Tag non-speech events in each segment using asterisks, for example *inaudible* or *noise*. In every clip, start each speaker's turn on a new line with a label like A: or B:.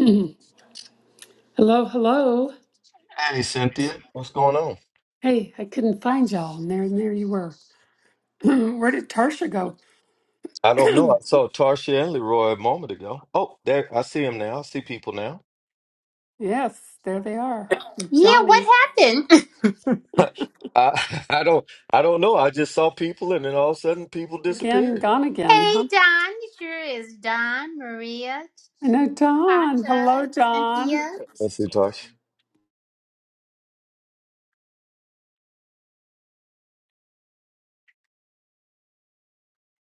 A: *clears throat* Mhm. Hello, hello.
B: Hey, Cynthia, what's going on?
A: Hey, I couldn't find y'all, and there, there you were. *clears throat* Where did Tarsha go?
B: I don't know. I saw Tarsha and Leroy a moment ago. Oh, there, I see him now. I see people now.
A: Yes, there they are.
C: Yeah, what
A: Johnny
C: happened? *laughs*
B: *laughs* I, I don't, I don't know. I just saw people, and then all of a sudden, people
A: again,
B: disappeared.
A: gone again,
C: hey,
A: huh?
C: Don. It sure is Don, Maria,
A: I know Don.
C: Tasha,
A: Hello, Don.
C: Cynthia.
B: Let's see, Tarsha.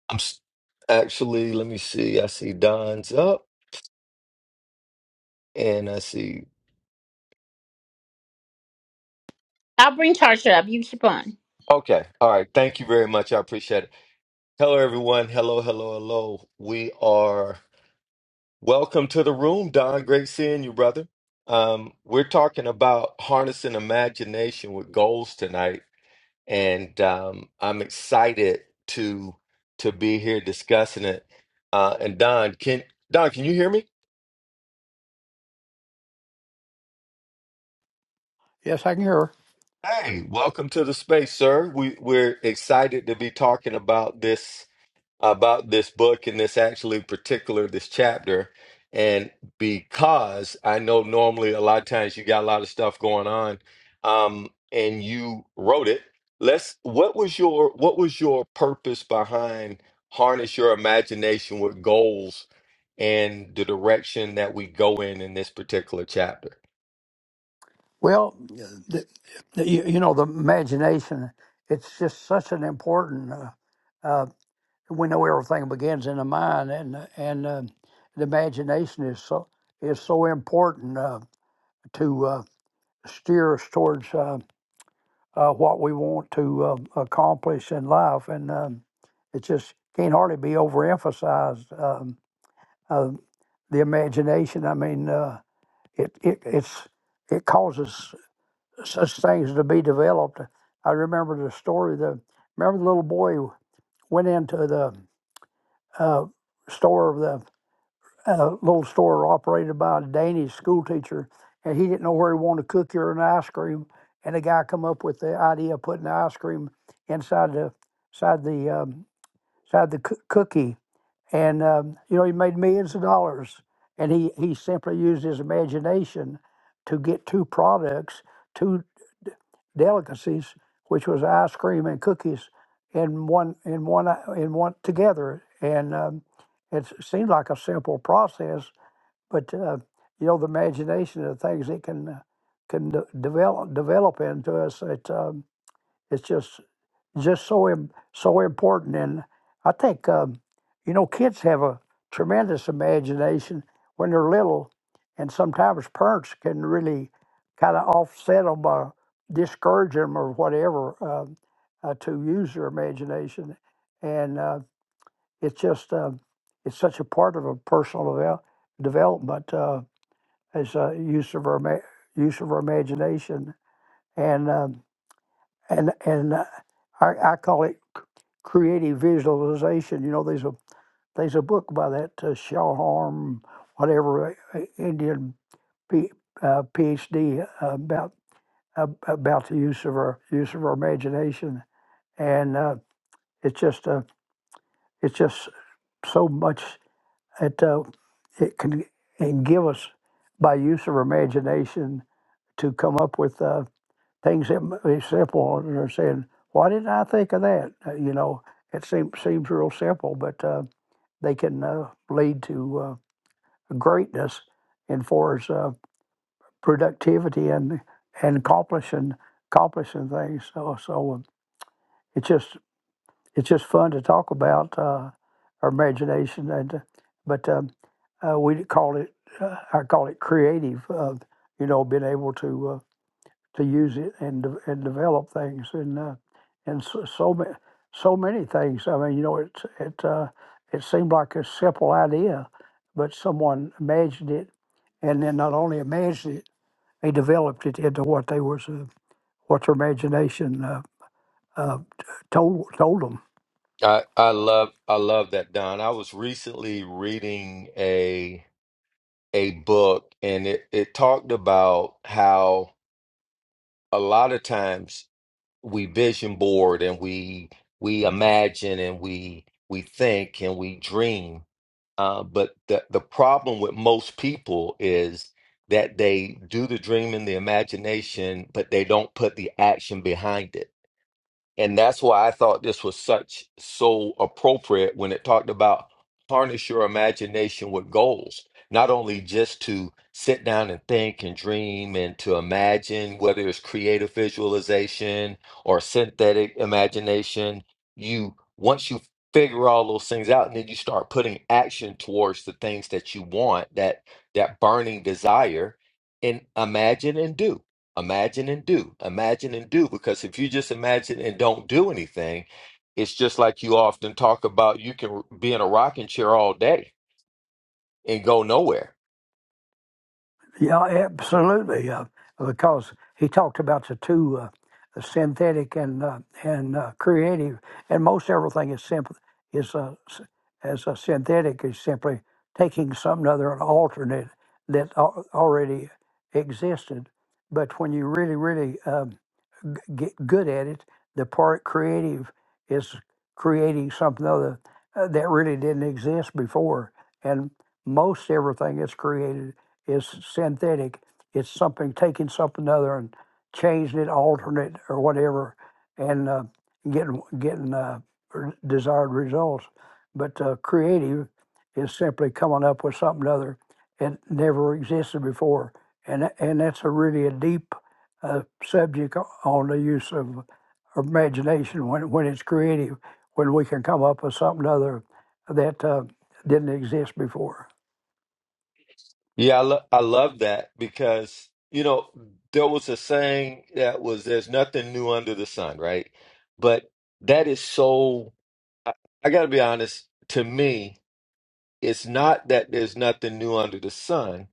B: I'm s- actually. Let me see. I see Don's up, and I see.
C: I'll bring Tasha up. You keep on.
B: Okay, all right. Thank you very much. I appreciate it. Hello, everyone. Hello, hello, hello. We are. Welcome to the room, Don. Great seeing you, brother. Um, we're talking about harnessing imagination with goals tonight, and um, I'm excited to to be here discussing it. Uh, and Don, can Don, can you hear me?
D: Yes, I can hear her.
B: Hey, welcome to the space, sir. We we're excited to be talking about this about this book and this actually particular this chapter and because i know normally a lot of times you got a lot of stuff going on um and you wrote it let's what was your what was your purpose behind harness your imagination with goals and the direction that we go in in this particular chapter
D: Well, the, the, you, you know, the imagination, it's just such an important, uh, uh, we know everything begins in the mind, and, uh, and uh, the imagination is so, is so important uh, to uh, steer us towards uh, uh, what we want to uh, accomplish in life. And um, it just can't hardly be overemphasized. Um, uh, the imagination, I mean, uh, it, it, it's, it causes such things to be developed. I remember the story. The remember the little boy went into the uh, store the uh, little store operated by a Danish school teacher, and he didn't know where he wanted to cook or an ice cream. And the guy come up with the idea of putting the ice cream inside the inside the um, inside the coo- cookie and um, you know he made millions of dollars and he he simply used his imagination to get two products two d- delicacies which was ice cream and cookies in one in one i- in one together and um, it s- seemed like a simple process but uh, you know the imagination of things it can uh, can de- develop develop into us it um, it's just just so im- so important. And I think um, you know kids have a tremendous imagination when they're little, and sometimes parents can really kind of offset them by discouraging them or whatever um uh, to use their imagination. And uh, it's just uh, it's such a part of a personal devel- development uh, as uh, use of our ma- use of our imagination and um, and and uh, I, I call it creative visualization. You know, there's a there's a book by that uh, Shalharm, whatever uh, Indian P, uh, PhD uh, about ab- about the use of our use of our imagination, and uh, it's just uh, it's just so much that uh, it can and give us by use of our imagination to come up with uh, things that m- is simple. They're saying, "Why didn't I think of that?" Uh, you know, it seems seems real simple, but. Uh, they can uh, lead to uh, greatness in far as uh, productivity and and accomplishing accomplishing things. So so uh, it's just it's just fun to talk about uh, our imagination and uh, but um, uh, we call it uh, I call it creative. Uh, you know, being able to. uh, to use it and de- and develop things and uh, and so, so many so many things. I mean, you know, it it uh, it seemed like a simple idea, but someone imagined it, and then not only imagined it, they developed it into what they was uh, what their imagination uh, uh, t- told told 'em.
B: i i love i love that don i was recently reading a book and it, it talked about how a lot of times we vision board and we we imagine and we we think and we dream uh, but the, the problem with most people is that they do the dream and the imagination but they don't put the action behind it and that's why I thought this was such so appropriate when it talked about harness your imagination with goals, not only just to sit down and think and dream and to imagine, whether it's creative visualization or synthetic imagination. You once you figure all those things out and then you start putting action towards the things that you want, that that burning desire, and imagine and do. Imagine and do. Imagine and do. Because if you just imagine and don't do anything, it's just like you often talk about. You can be in a rocking chair all day and go nowhere.
D: Yeah, absolutely. Uh, because he talked about the two, uh, the synthetic and uh, and uh, creative, and most everything is simple is uh, s- as a synthetic is simply taking something other an alternate that al- already existed. But when you really, really um, get good at it. The part creative is creating something other uh, that really didn't exist before. And most everything that's created is synthetic. It's something taking something other and changing it, altering it, or whatever, and uh, getting getting uh, r- desired results. But uh, creative is simply coming up with something other that never existed before, and tha- and that's a really a deep uh, subject on the use of imagination when, when it's creative, when we can come up with something other that uh, didn't exist before.
B: Yeah, I, lo- I love that because, you know, there was a saying that was there's nothing new under the sun, right? But that is so, I, I got to be honest, to me, it's not that there's nothing new under the sun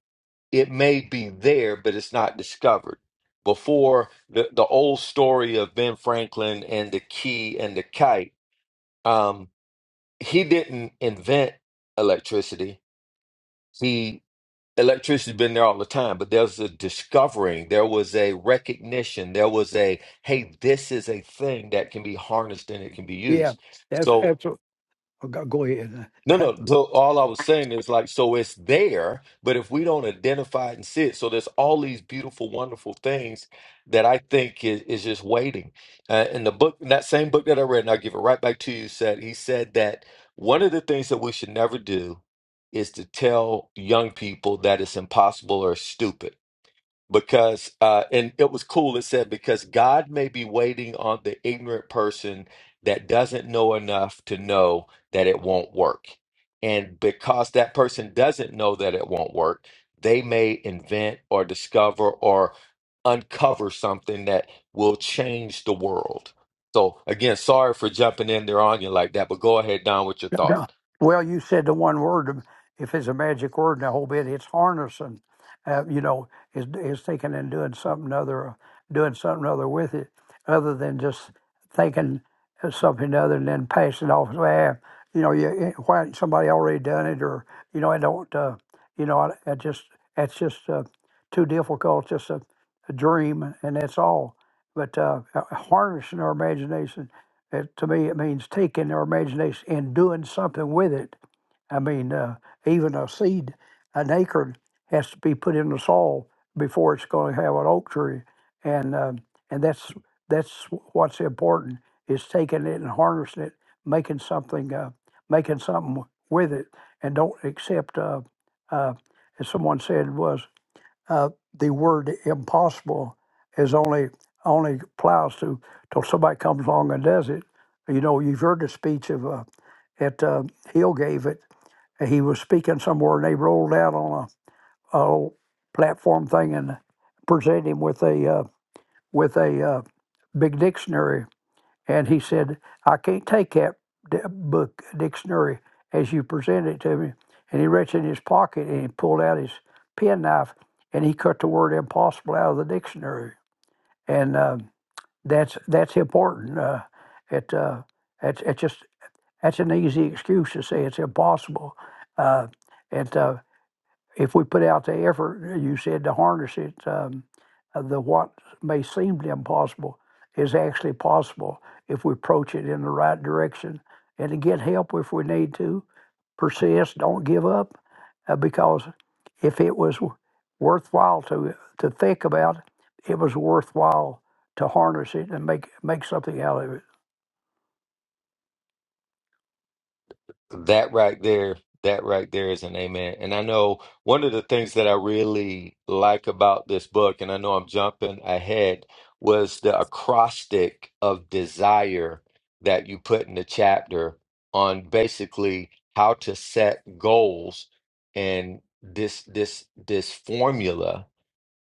B: it may be there, but it's not discovered. Before the, the old story of Ben Franklin and the key and the kite, um, he didn't invent electricity. He electricity's been there all the time, but there was a discovering, there was a recognition, there was a hey, this is a thing that can be harnessed and it can be
D: Yeah,
B: used.
D: that's
B: So
D: absolutely. Go go ahead.
B: No,
D: *laughs*
B: no. So all I was saying is like, so it's there, but if we don't identify it and see it, so there's all these beautiful, wonderful things that I think is, is just waiting. Uh, in the book, in that same book that I read, and I'll give it right back to you, said he said that one of the things that we should never do is to tell young people that it's impossible or stupid because uh and it was cool it said because god may be waiting on the ignorant person that doesn't know enough to know that it won't work and because that person doesn't know that it won't work they may invent or discover or uncover something that will change the world so again sorry for jumping in there on you like that but go ahead don with your
D: *coughs*
B: thought
D: Yeah. Well, you said the one word. If it's a magic word in the whole bit, it's harnessing. Uh, you know, is is thinking and doing something other, doing something other with it, other than just thinking of something other and then passing it off as well. You know, you why hadn't somebody already done it, or you know, I don't. Uh, you know, I, I just that's just uh, too difficult. Just a, a dream, and that's all. But uh, uh, harnessing our imagination it, to me, it means taking our imagination and doing something with it. I mean, uh, even a seed, an acorn, has to be put in the soil before it's going to have an oak tree, and um, and that's that's what's important is taking it and harnessing it, making something, uh, making something with it, and don't accept. Uh, uh, as someone said, was uh, the word impossible is only only applies to till somebody comes along and does it. You know, you've heard the speech of uh, at uh, Hill gave it. He was speaking somewhere, and they rolled out on a, a old platform thing and presented him with a uh, with a uh, big dictionary and he said, I can't take that d- book, dictionary, as you present it to me. And he reached in his pocket and he pulled out his penknife and he cut the word impossible out of the dictionary. And um, that's that's important. Uh, it, uh, it's, it's just that's an easy excuse to say it's impossible. Uh, it uh, if we put out the effort, you said to harness it, um, uh, the what may seem impossible is actually possible if we approach it in the right direction and to get help if we need to. Persist, don't give up, uh, because if it was worthwhile to to think about, it was worthwhile to harness it and make make something out of it.
B: That right there, that right there is an amen. And I know one of the things that I really like about this book, and I know I'm jumping ahead, was the acrostic of desire that you put in the chapter on basically how to set goals and this this this formula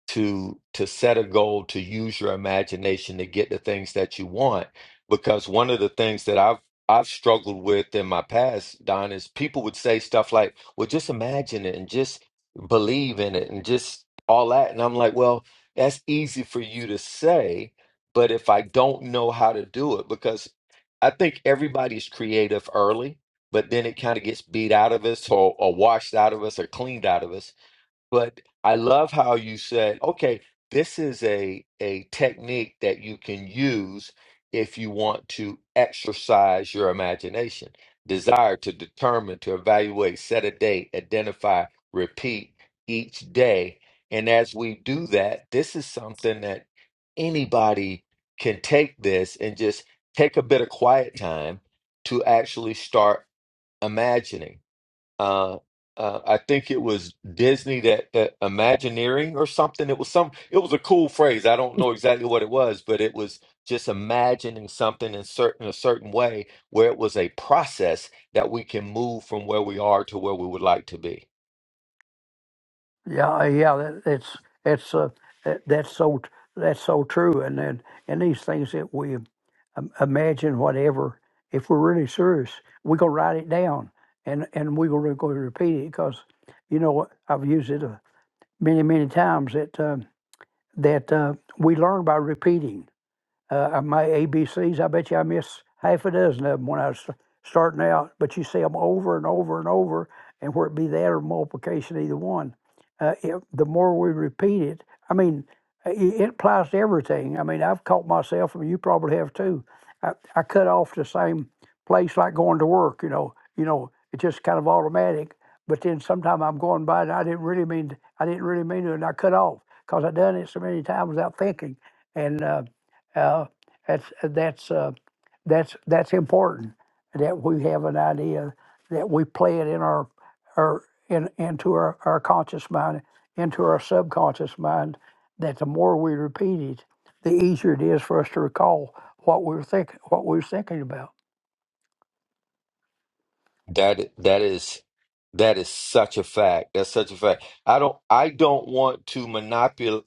B: to to set a goal to use your imagination to get the things that you want because one of the things that I've I've struggled with in my past Don is people would say stuff like well just imagine it and just believe in it and just all that and I'm like well that's easy for you to say but if I don't know how to do it because I think everybody's creative early but then it kind of gets beat out of us or, or washed out of us or cleaned out of us but I love how you said, okay, this is a a technique that you can use if you want to exercise your imagination, desire to determine, to evaluate, set a date, identify, repeat each day. And as we do that, this is something that anybody can take this and just take a bit of quiet time to actually start imagining uh, uh, I think it was Disney that that Imagineering or something. It was some. It was a cool phrase. I don't know exactly what it was, but it was just imagining something in certain a certain way where it was a process that we can move from where we are to where we would like to be.
D: Yeah, yeah, that, it's it's uh, that, that's so that's so true, and then and these things that we um, imagine, whatever, if we're really serious, we're gonna write it down, and and we're gonna go repeat it because, you know, I've used it uh, many many times that um, that uh, we learn by repeating. Uh, I- my ABCs, I bet you I missed half a dozen of them when I was starting out, but you see them over and over and over, and where it be that or multiplication, either one. Uh, it, the more we repeat it, I mean, i- it applies to everything. I mean, I've caught myself, and you probably have too. I, I cut off the same place like going to work, you know, you know, it's just kind of automatic. But then sometime I'm going by and I didn't really mean to, I didn't really mean to, and I cut off because I done it so many times without thinking. And uh, uh, that's uh, that's uh, that's that's important that we have an idea that we play it in our our in, into our, our conscious mind, into our subconscious mind. That the more we repeat it, the easier it is for us to recall what we were think what we were thinking about.
B: That that is that is such a fact. That's such a fact. I don't I don't want to monopol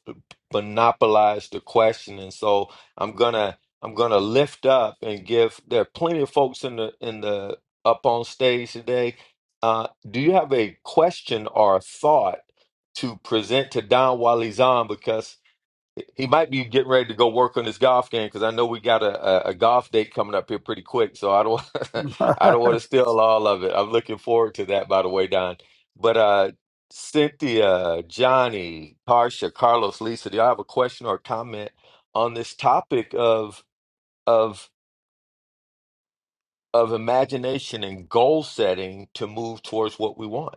B: monopolize the question, and so I'm gonna I'm gonna lift up and give. There are plenty of folks in the in the up on stage today. Uh, do you have a question or a thought to present to Don Wally Zahn? Because he might be getting ready to go work on his golf game because I know we got a, a, a golf date coming up here pretty quick. So I don't *laughs* I don't want to
D: *laughs*
B: steal all of it. I'm looking forward to that, by the way, Don. But uh, Cynthia, Johnny, Tarsha, Carlos, Lisa, do y'all have a question or comment on this topic of of of imagination and goal setting to move towards what we want?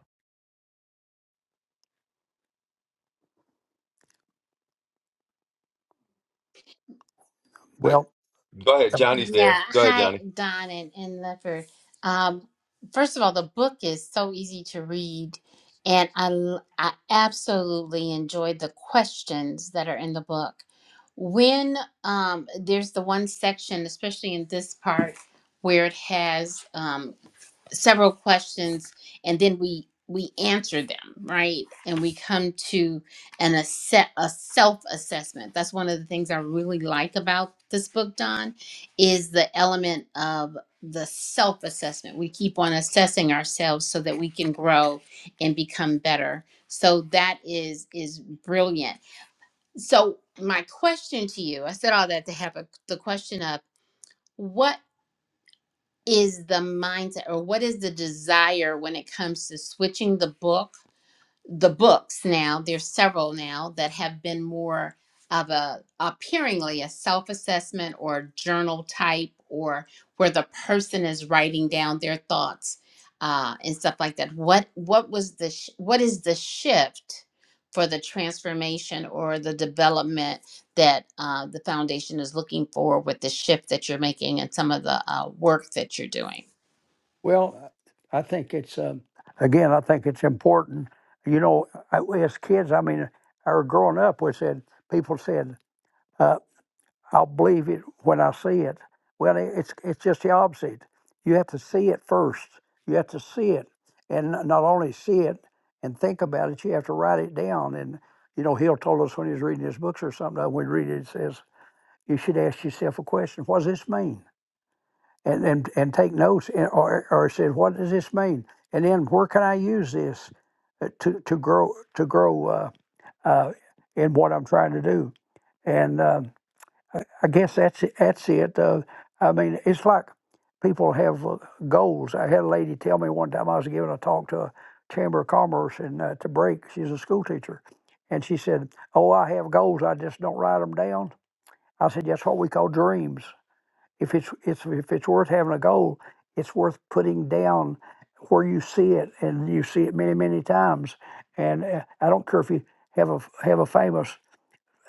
B: I,
D: well,
B: go ahead, Johnny's there.
C: Yeah.
B: Go ahead,
C: Hi,
B: Johnny.
C: Don and, and Leopard. Um, first of all, the book is so easy to read, and I, l- I absolutely enjoyed the questions that are in the book. When um, there's the one section, especially in this part, where it has um, several questions and then we we answer them right and we come to an asse- a self assessment that's one of the things i really like about this book don is the element of the self assessment we keep on assessing ourselves so that we can grow and become better so that is is brilliant so my question to you i said all that to have a, the question up what is the mindset or what is the desire when it comes to switching the book the books now there's several now that have been more of a appearingly a self-assessment or journal type or where the person is writing down their thoughts uh, and stuff like that what what was the sh- what is the shift for the transformation or the development that uh, the foundation is looking for with the shift that you're making and some of the uh, work that you're doing
D: well, I think it's um, again, I think it's important. You know, I, as kids, I mean, or growing up, we said people said. uh, I'll believe it when I see it. Well, i- it's it's just the opposite. You have to see it first. You have to see it, and n- not only see it and think about it. You have to write it down. And you know, Hill told us when he was reading his books or something. uh, When we read it, it says you should ask yourself a question: What does this mean? And and and take notes, and, or or it says what does this mean? And then where can I use this uh, to to grow to grow uh, uh, in what I'm trying to do? And um, I guess that's it, that's it. Uh, I mean, it's like people have uh, goals. I had a lady tell me one time I was giving a talk to a chamber of commerce and uh, to break. She's a school teacher, and she said, "Oh, I have goals. I just don't write them down." I said, "That's what we call dreams. If it's it's if it's worth having a goal, it's worth putting down where you see it, and you see it many many times. And uh, I don't care if you have a have a famous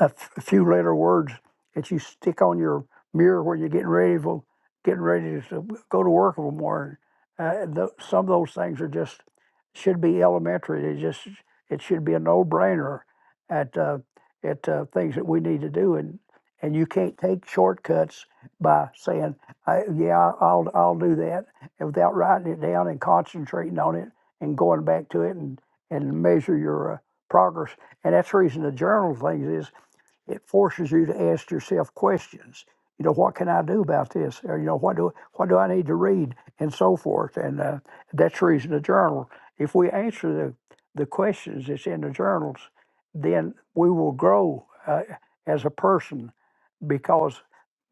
D: a, f- a few letter words that you stick on your mirror when you're getting ready for getting ready to go to work in the morning. Uh, tho- some of those things are just should be elementary. They just it should be a no brainer at uh, at uh, things that we need to do, and and you can't take shortcuts by saying, I, "Yeah, I'll I'll do that," and without writing it down and concentrating on it and going back to it and and measure your uh, progress. And that's the reason the journal thing is. It forces you to ask yourself questions. You know, what can I do about this? Or you know, what do what do I need to read, and so forth. And uh, that's the reason the journal. If we answer the the questions that's in the journals, then we will grow uh, as a person because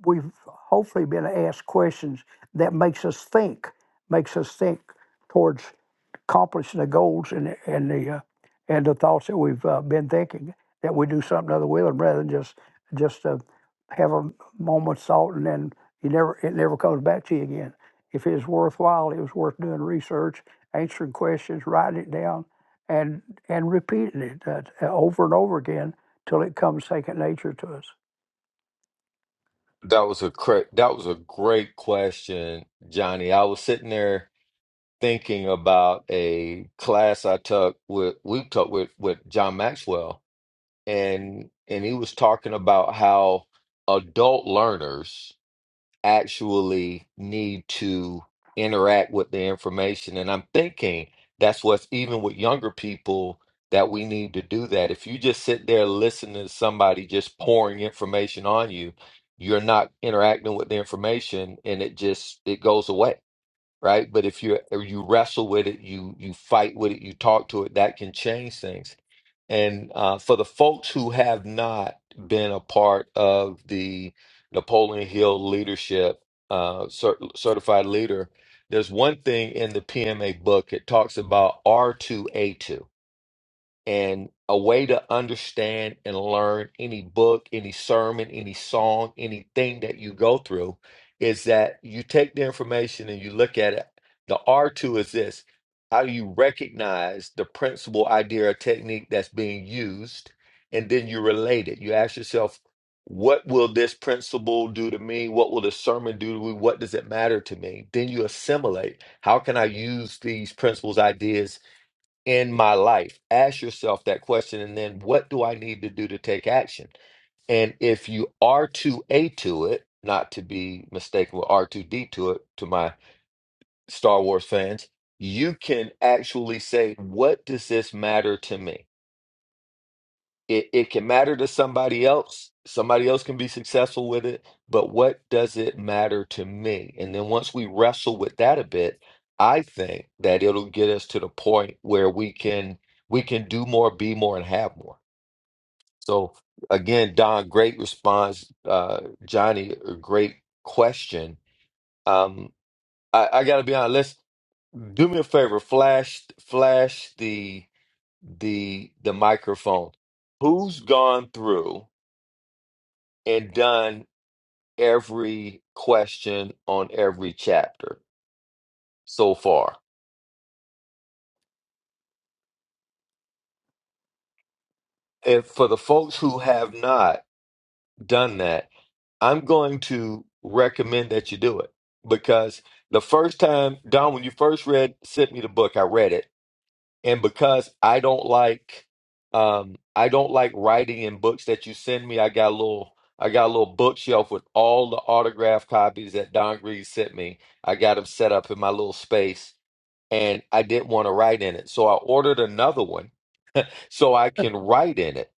D: we've hopefully been asked questions that makes us think, makes us think towards accomplish the goals and and the uh, and the thoughts that we've uh, been thinking. That we do something other with them rather than just just uh, have a moment's thought and then you never it never comes back to you again. If it's worthwhile, it was worth doing research, answering questions, writing it down, and and repeating it uh, uh, over and over again till it comes second nature to us.
B: That was a cra- that was a great question, Johnny. I was sitting there thinking about a class I took with we took with with John Maxwell, and and he was talking about how adult learners actually need to interact with the information, and I'm thinking that's what's even with younger people that we need to do that. If you just sit there listening to somebody just pouring information on you, you're not interacting with the information, and it just it goes away right? But if you or you wrestle with it, you you fight with it, you talk to it, that can change things. And uh, for the folks who have not been a part of the Napoleon Hill leadership uh, cert- certified leader, there's one thing in the PMA book. It talks about R2A2 and a way to understand and learn any book, any sermon, any song, anything that you go through is that you take the information and you look at it. The R2 is this how do you recognize the principal idea or technique that's being used? And then you relate it. You ask yourself, what will this principle do to me? What will the sermon do to me? What does it matter to me? Then you assimilate. How can I use these principles, ideas? in my life? Ask yourself that question. And then what do I need to do to take action? And if you are too A to it, not to be mistaken with R2D to it, to my Star Wars fans, you can actually say, what does this matter to me? it, it can matter to somebody else. Somebody else can be successful with it, but what does it matter to me? And then once we wrestle with that a bit, I think that it'll get us to the point where we can we can do more, be more, and have more. So again, Don, great response. Uh, Johnny, a great question. Um, I, I gotta be honest. Let's do me a favor. Flash, flash the the the microphone. Who's gone through? and done every question on every chapter so far. And for the folks who have not done that, I'm going to recommend that you do it because the first time, Don, when you first read, sent me the book, I read it. And because I don't like, um, I don't like writing in books that you send me. I got a little, I got a little bookshelf with all the autograph copies that Don Green sent me. I got them set up in my little space and I didn't want to write in it. So I ordered another one so I can write in it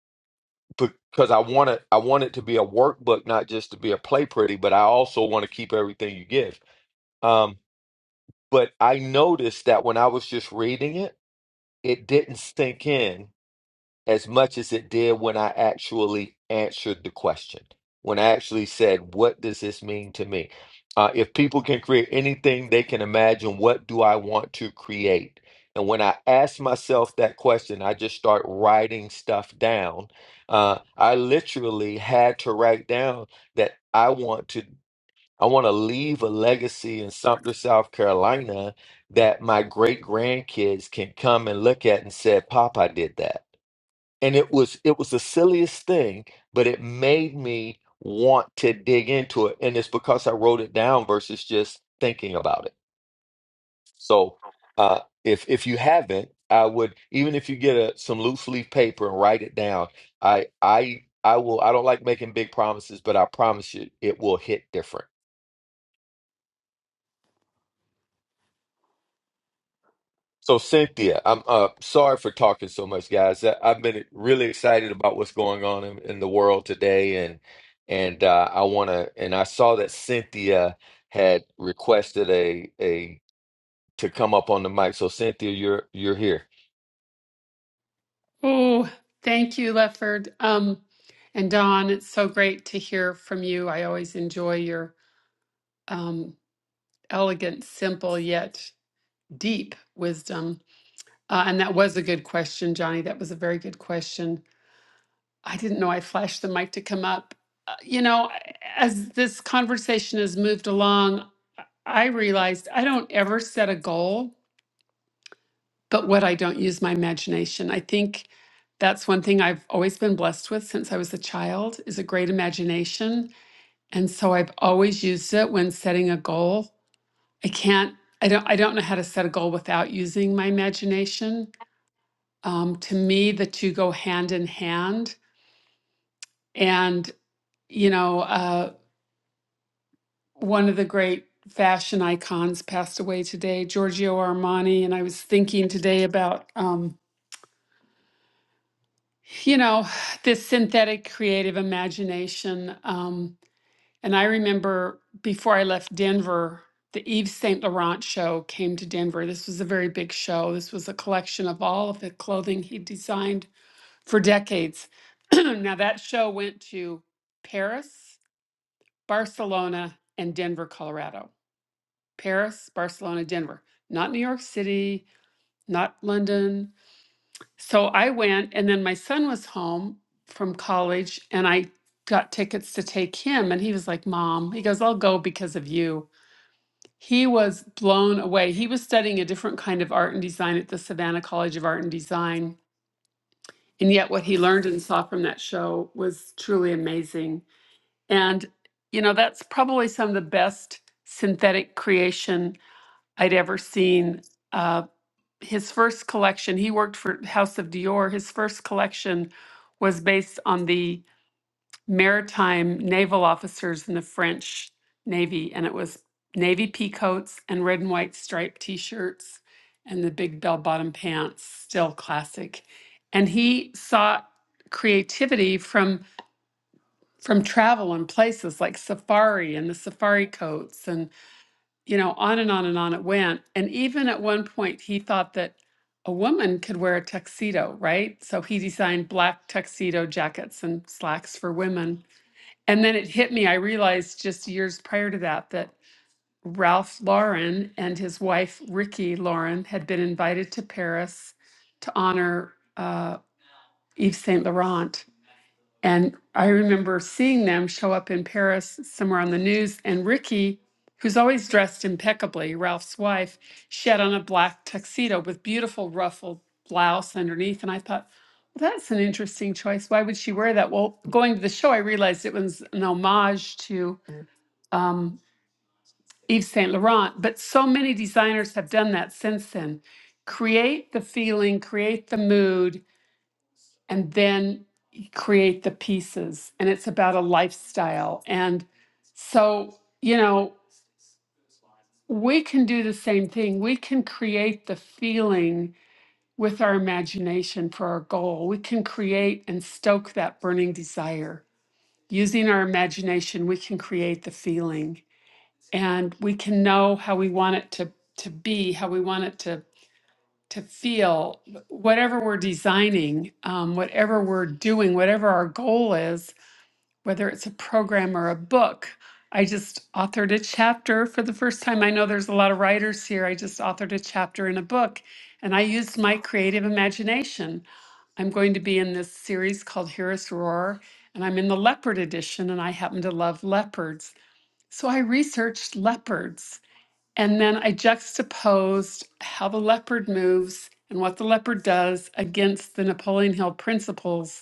B: because I want it I want it to be a workbook, not just to be a play pretty, but I also want to keep everything you give. Um, but I noticed that when I was just reading it, it didn't sink in as much as it did when I actually answered the question, when I actually said, What does this mean to me? Uh, if people can create anything they can imagine, what do I want to create? And when I ask myself that question, I just start writing stuff down. Uh, I literally had to write down that I want to. I want to leave a legacy in Sumter, South Carolina, that my great grandkids can come and look at and say, "Papa did that." and it was it was the silliest thing but it made me want to dig into it and it's because i wrote it down versus just thinking about it so uh if if you haven't i would even if you get a, some loose leaf paper and write it down i i i will i don't like making big promises but i promise you it will hit different So Cynthia, I'm uh sorry for talking so much, guys. I- I've been really excited about what's going on in, in the world today, and and uh, I want to. And I saw that Cynthia had requested a a to come up on the mic. So Cynthia, you're you're here.
A: Oh, thank you, Lefford. Um, and Don, it's so great to hear from you. I always enjoy your um, elegant, simple yet deep wisdom. Uh, and that was a good question, Johnny. That was a very good question I didn't know I flashed the mic to come up. Uh, You know, as this conversation has moved along, I realized I don't ever set a goal, but what I don't use my imagination. I think that's one thing I've always been blessed with since I was a child is a great imagination, and so I've always used it when setting a goal. I can't I don't I don't know how to set a goal without using my imagination. Um, to me, the two go hand in hand, and you know. Uh, one of the great fashion icons passed away today, Giorgio Armani. And I was thinking today about, um, you know, this synthetic creative imagination. Um, and I remember before I left Denver, the Yves Saint Laurent show came to Denver. This was a very big show. This was a collection of all of the clothing he designed for decades. *clears throat* now, that show went to Paris, Barcelona, and Denver, Colorado Paris, Barcelona, Denver, not New York City, not London. So I went, and then my son was home from college, and I got tickets to take him. And he was like, Mom, he goes, I'll go because of you. He was blown away. He was studying a different kind of art and design at the Savannah College of Art and Design. And yet, what he learned and saw from that show was truly amazing. And, you know, that's probably some of the best synthetic creation I'd ever seen of his first collection, he worked for House of Dior. His first collection was based on the maritime naval officers in the French Navy, and it was navy pea coats and red and white striped t shirts and the big bell bottom pants, still classic. And he sought creativity from from travel and places like safari and the safari coats and you know, on and on and on it went. And even at one point, he thought that a woman could wear a tuxedo, right? So he designed black tuxedo jackets and slacks for women. And then it hit me. I realized just years prior to that that Ralph Lauren and his wife, Ricky Lauren, had been invited to Paris to honor uh, Yves Saint Laurent. And I remember seeing them show up in Paris somewhere on the news. And Ricky, who's always dressed impeccably, Ralph's wife, she had on a black tuxedo with beautiful ruffled blouse underneath. And I thought, well, that's an interesting choice. Why would she wear that? Well, going to the show, I realized it was an homage to um, Yves Saint Laurent. But so many designers have done that since then. Create the feeling, create the mood, and then you create the pieces and it's about a lifestyle and so you know we can do the same thing we can create the feeling with our imagination for our goal we can create and stoke that burning desire using our imagination we can create the feeling and we can know how we want it to to be how we want it to to feel whatever we're designing um, whatever we're doing whatever our goal is whether it's a program or a book. I just authored a chapter for the first time. I know there's a lot of writers here. I just authored a chapter in a book and I used my creative imagination. I'm going to be in this series called Hear Us Roar, and I'm in the leopard edition, and I happen to love leopards. So I researched leopards, and then I juxtaposed how the leopard moves and what the leopard does against the Napoleon Hill principles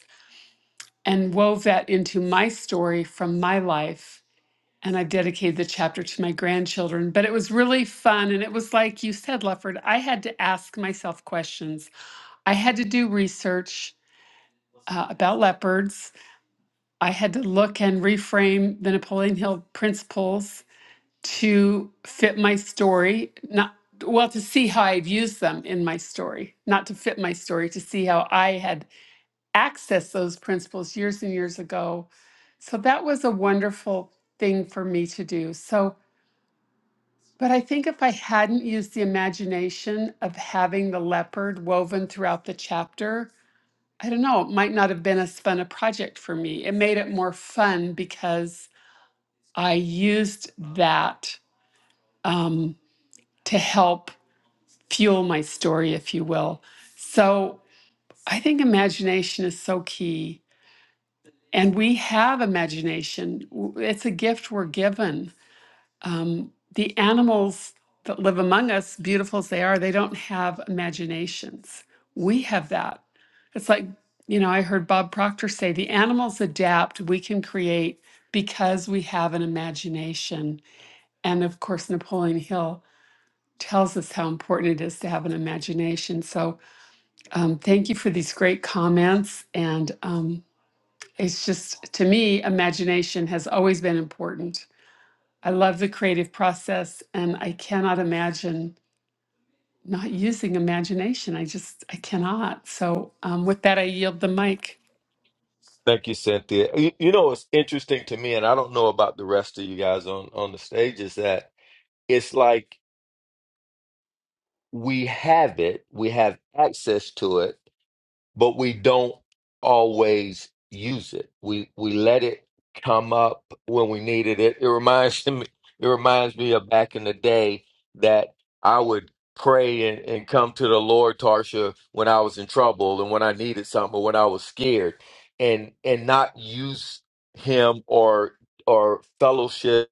A: and wove that into my story from my life. And I've dedicated the chapter to my grandchildren. But it was really fun. And it was like you said, Lefford, I had to ask myself questions. I had to do research uh, about leopards. I had to look and reframe the Napoleon Hill principles to fit my story, not well, to see how I've used them in my story, not to fit my story, to see how I had accessed those principles years and years ago. So that was a wonderful thing for me to do. So, but I think if I hadn't used the imagination of having the leopard woven throughout the chapter, I don't know, it might not have been as fun a project for me. It made it more fun because I used that um, to help fuel my story, if you will. So I think imagination is so key. And we have imagination. W- It's a gift we're given. Um, the animals that live among us, beautiful as they are, they don't have imaginations. We have that. It's like, you know, I heard Bob Proctor say the animals adapt, we can create because we have an imagination. And of course, Napoleon Hill tells us how important it is to have an imagination. So um, thank you for these great comments. And um, it's just, to me, imagination has always been important. I love the creative process and I cannot imagine not using imagination. I just, I cannot. So, um, with that, I yield the mic.
B: Thank you, Cynthia. You, you know, it's interesting to me, and I don't know about the rest of you guys on on the stage, is that it's like we have it, we have access to it but we don't always use it. We we let it come up when we needed it. It reminds *laughs* me it reminds me of back in the day that I would pray and, and come to the Lord Tarsha when I was in trouble and when I needed something or when I was scared and and not use him or or fellowship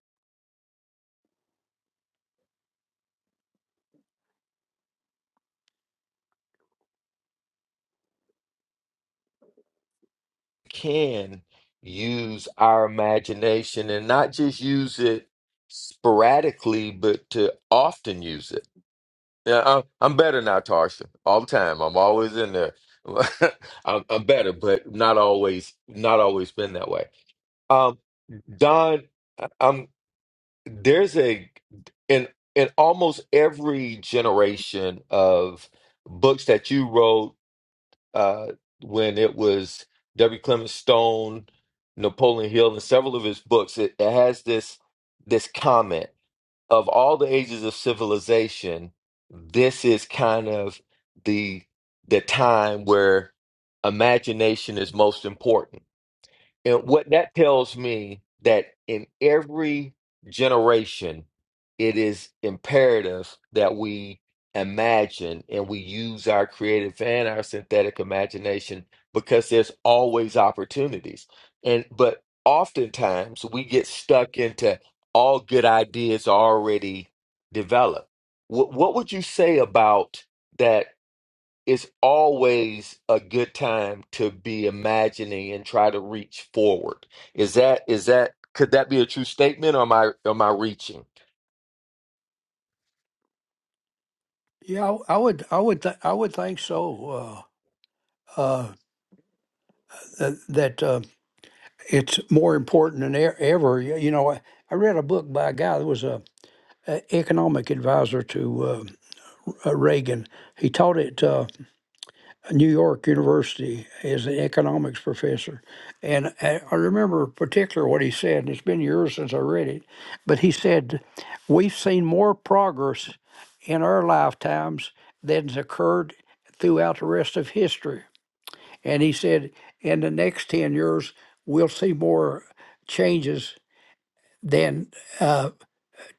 B: can use our imagination and not just use it sporadically but to often use it Yeah, I'm, I'm better now, Tarsha. All the time, I'm always in there. *laughs* I'm, I'm better, but not always. Not always been that way. Um, Don, I- I'm there's a in in almost every generation of books that you wrote uh, when it was W. Clement Stone, Napoleon Hill, and several of his books. It, it has this this comment of all the ages of civilization, this is kind of the the time where imagination is most important and what that tells me that in every generation, it is imperative that we imagine and we use our creative and our synthetic imagination because there's always opportunities. And but oftentimes we get stuck into all good ideas already developed. What what would you say about that it's always a good time to be imagining and try to reach forward. Is that is that could that be a true statement or am I am I reaching
D: Yeah, I, I would, I would, th- I would think so. Uh, uh, th- that. uh, it's more important than e- ever. Y- You know, I I read a book by a guy that was a economic advisor to uh, uh, Reagan. He taught at uh, New York University as an economics professor, and I I remember particular what he said. And it's been years since I read it, but he said, "We've seen more progress in our lifetimes than's occurred throughout the rest of history." And he said, "In the next ten years, we'll see more changes." then uh,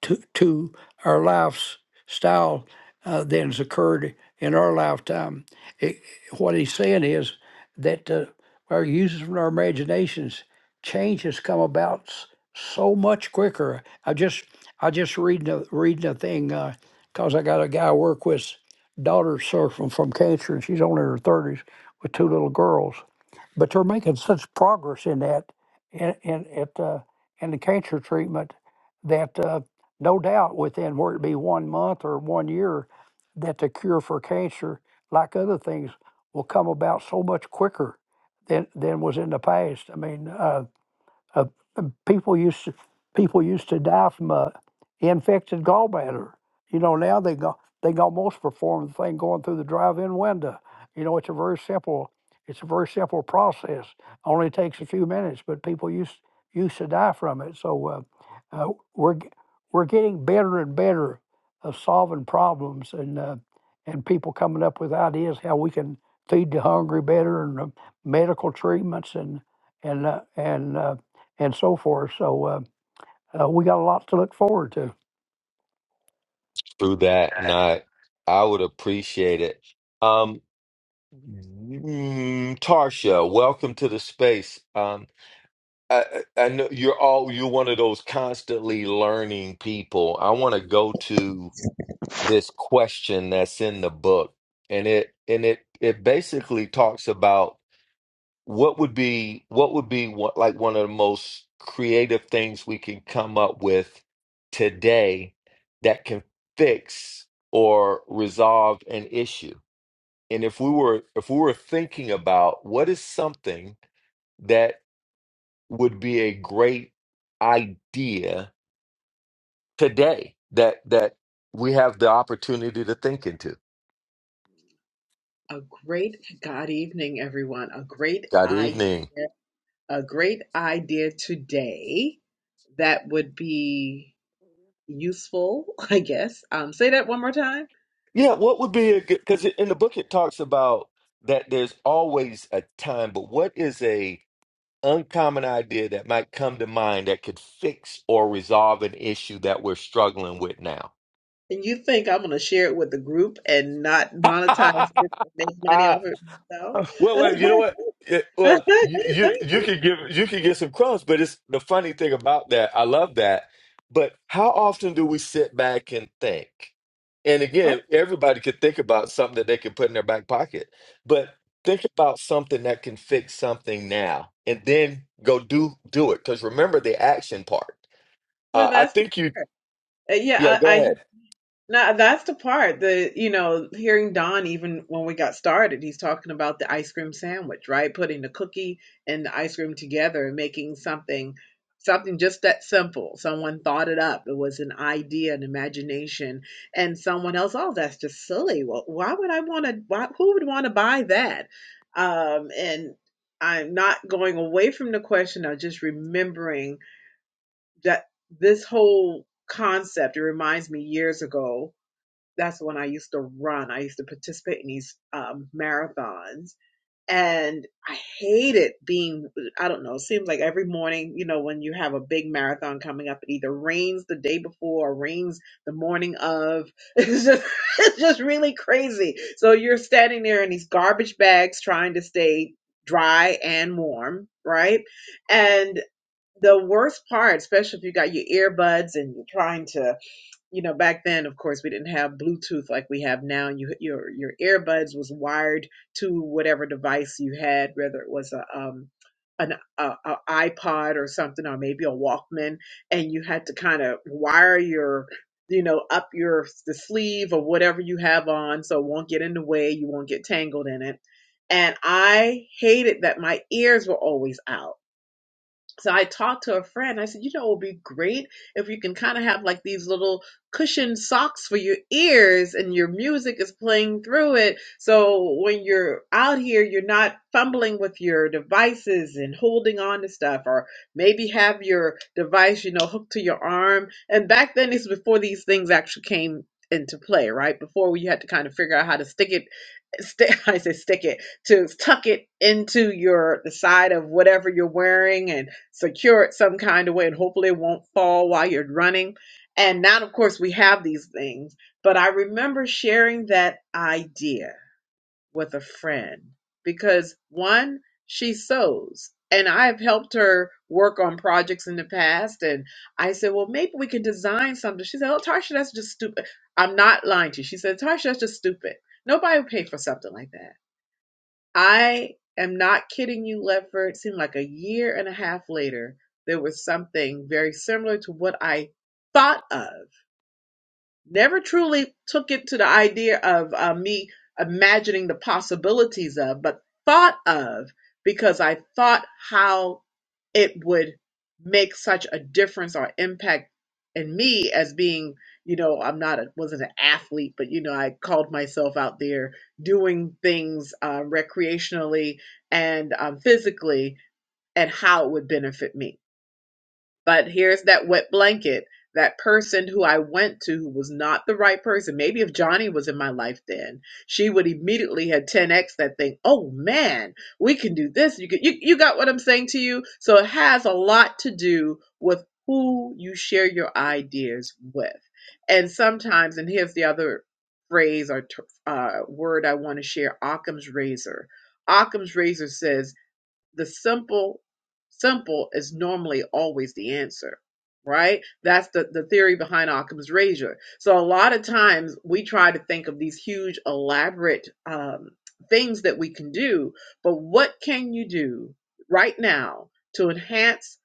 D: to, to our lifestyle uh, that has occurred in our lifetime. It, what he's saying is that uh, our uses of our imaginations change has come about s- so much quicker. I just I just reading a, reading a thing because I got a guy I work with, daughter suffering from cancer, and she's only in her thirties with two little girls but they're making such progress in that in in at uh, in the cancer treatment that uh, no doubt within where it be one month or one year that the cure for cancer like other things will come about so much quicker than than was in the past i mean uh, uh, uh, people used to, people used to die from a infected gallbladder. You know, now they go they can almost perform the thing going through the drive-in window. You know, it's a very simple it's a very simple process. Only takes a few minutes, but people used used to die from it. So uh, uh, we're g- we're getting better and better of solving problems and uh, and people coming up with ideas how we can feed the hungry better and uh, medical treatments and and uh, and uh, and so forth. So uh, uh, we got a lot to look forward to.
B: through that? And I I would appreciate it. Um mm, Tarsha, welcome to the space. Um I, I I know you're all you're one of those constantly learning people. I want to go to this question that's in the book and it and it it basically talks about what would be what would be what, like one of the most creative things we can come up with today that can fix or resolve an issue and if we were if we were thinking about what is something that would be a great idea today that that we have the opportunity to think into
E: A great God evening, everyone. A great
B: good
E: idea,
B: evening
E: a great idea today that would be useful, *laughs* I guess. Um, say that one more time.
B: Yeah, what would be a good, because in the book it talks about that there's always a time, but what is a uncommon idea that might come to mind that could fix or resolve an issue that we're struggling with now?
E: And you think I'm gonna share it with the group and not monetize it and make money
B: *laughs*
E: off it myself?
B: Well, well, you know
E: *laughs*
B: what? It- well, you, you you could give you could get some crumbs, but it's the funny thing about that. I love that. But how often do we sit back and think? And
E: Oh,
B: again, everybody could think about something that they can put in their back pocket, but think about something that can fix something now, and then go do do it. Because remember the action part.
E: well,
B: Uh, I
E: that's the
B: think you.
E: part. Uh,
B: Yeah,
E: yeah, I,
B: go
E: I
B: ahead.
E: Now that's the part that you know, hearing Don even when we got started, he's talking about the ice cream sandwich, right? Putting the cookie and the ice cream together and making something something just that simple. Someone thought it up. It was an idea, an imagination, and someone else, oh, that's just silly. Well, why would I want to why who would want to buy that? Um and I'm not going away from the question, I'm just remembering that this whole concept, it reminds me years ago that's when I used to run. I used to participate in these um, marathons. And I hated being, I don't know, it seems like every morning, you know, when you have a big marathon coming up, it either rains the day before or rains the morning of. *laughs* It's just, *laughs* it's just really crazy. So you're standing there in these garbage bags trying to stay dry and warm, right? And the worst part, especially if you got your earbuds and you're trying to you know back then of course we didn't have bluetooth like we have now you your your earbuds was wired to whatever device you had whether it was a um an a, a iPod or something or maybe a Walkman and you had to kind of wire your you know up your the sleeve or whatever you have on so it won't get in the way you won't get tangled in it and I hated that my ears were always out so I talked to a friend. I said, you know, it would be great if you can kind of have like these little cushioned socks for your ears and your music is playing through it. So when you're out here, you're not fumbling with your devices and holding on to stuff, or maybe have your device, you know, hooked to your arm. And back then, it's before these things actually came into play, right? Before we had to kind of figure out how to stick it st- *laughs* I say stick it to tuck it into your the side of whatever you're wearing and secure it some kind of way and hopefully it won't fall while you're running. And now, of course, we have these things, but I remember sharing that idea with a friend because one, she sews. And I have helped her work on projects in the past. And I said, well, maybe we can design something. She said, oh, Tarsha, that's just stupid. I'm not lying to you. She said, Tarsha, that's just stupid. Nobody would pay for something like that. I am not kidding you, Lefford. It seemed like a year and a half later, there was something very similar to what I thought of. Never truly took it to the idea of uh, me imagining the possibilities of, but thought of because I thought how it would make such a difference or impact in me as being you know i'm not a wasn't an athlete but you know i called myself out there doing things uh, recreationally and um, physically and how it would benefit me but here's that wet blanket. That person who I went to who was not the right person. Maybe if Johnny was in my life then, she would immediately have 10x that thing. Oh man, we can do this. You, can, you you got what I'm saying to you? So it has a lot to do with who you share your ideas with. And sometimes, and here's the other phrase or t- uh, word I want to share Occam's razor. Occam's razor says the simple simple is normally always the answer right that's the, the theory behind occam's razor so a lot of times we try to think of these huge elaborate um, things that we can do but what can you do right now to enhance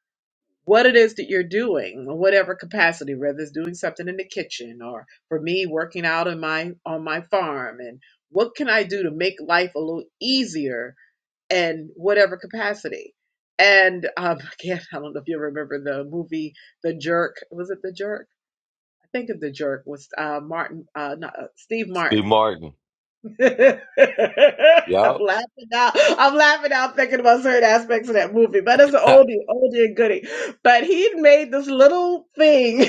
E: what it is that you're doing in whatever capacity whether it's doing something in the kitchen or for me working out on my on my farm and what can i do to make life a little easier in whatever capacity. And um, *laughs* again, I don't know if you remember the movie The Jerk. Was it The Jerk? I think of The Jerk was uh, Martin, uh, not, uh, Steve
B: Steve
E: Martin.
B: Martin.
E: *laughs* I'm laughing
B: Yep.
E: out. I'm laughing out thinking about certain aspects of that movie, but it's an
B: *laughs*
E: oldie, oldie and goodie. But he made this little thing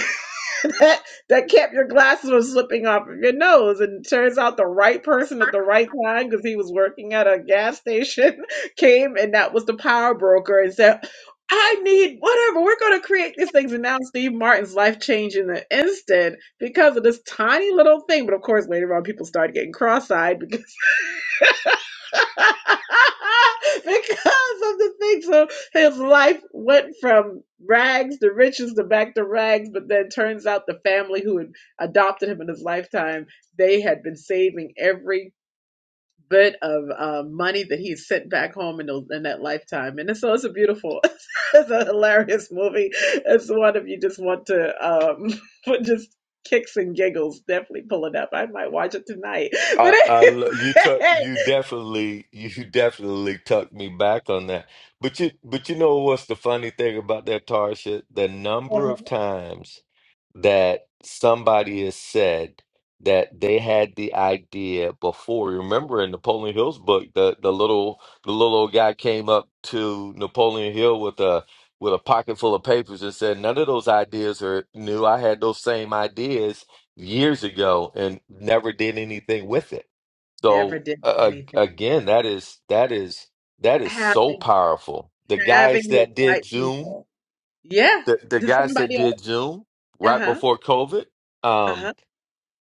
E: *laughs* that that kept your glasses from slipping off of your nose. And it turns out the right person at the right time, because he was working at a gas station, *laughs* came and that was the power broker and said, I need whatever. We're going to create these things. And now Steve Martin's life changed in an instant because of this tiny little thing. But of course, later on, people started getting cross eyed *laughs* because of the thing. So his life went from rags to riches to back to rags. But then turns out the family who had adopted him in his lifetime, they had been saving every bit of uh, money that he sent back home in, those, in that lifetime. And so it's a beautiful, *laughs* it's a hilarious movie. It's one if you just want to um, *laughs* just kicks and giggles. Definitely pull it up. I might watch it tonight. *laughs* But
B: I, I lo- you took
E: anyway.
B: you definitely you definitely tucked me back on that. But you but you know what's the funny thing about that Tarsha? The
E: *laughs*
B: number of times that somebody has said that they had the idea before. Remember in Napoleon Hill's book, the the little the little old guy came up to Napoleon Hill with a with a pocket full of papers and said, "None of those ideas are new. I had those same ideas." years ago and never did anything with it.
E: Never
B: So
E: did
B: uh,
E: anything like
B: again, that is that is that
E: that.
B: is so
E: Having
B: powerful. The
E: having
B: guys
E: the
B: that
E: right
B: did Zoom,
E: people. Yeah.
B: the, the
E: To
B: guys that
E: somebody
B: did
E: else.
B: Zoom right
E: Uh-huh.
B: before COVID, um,
E: Uh-huh.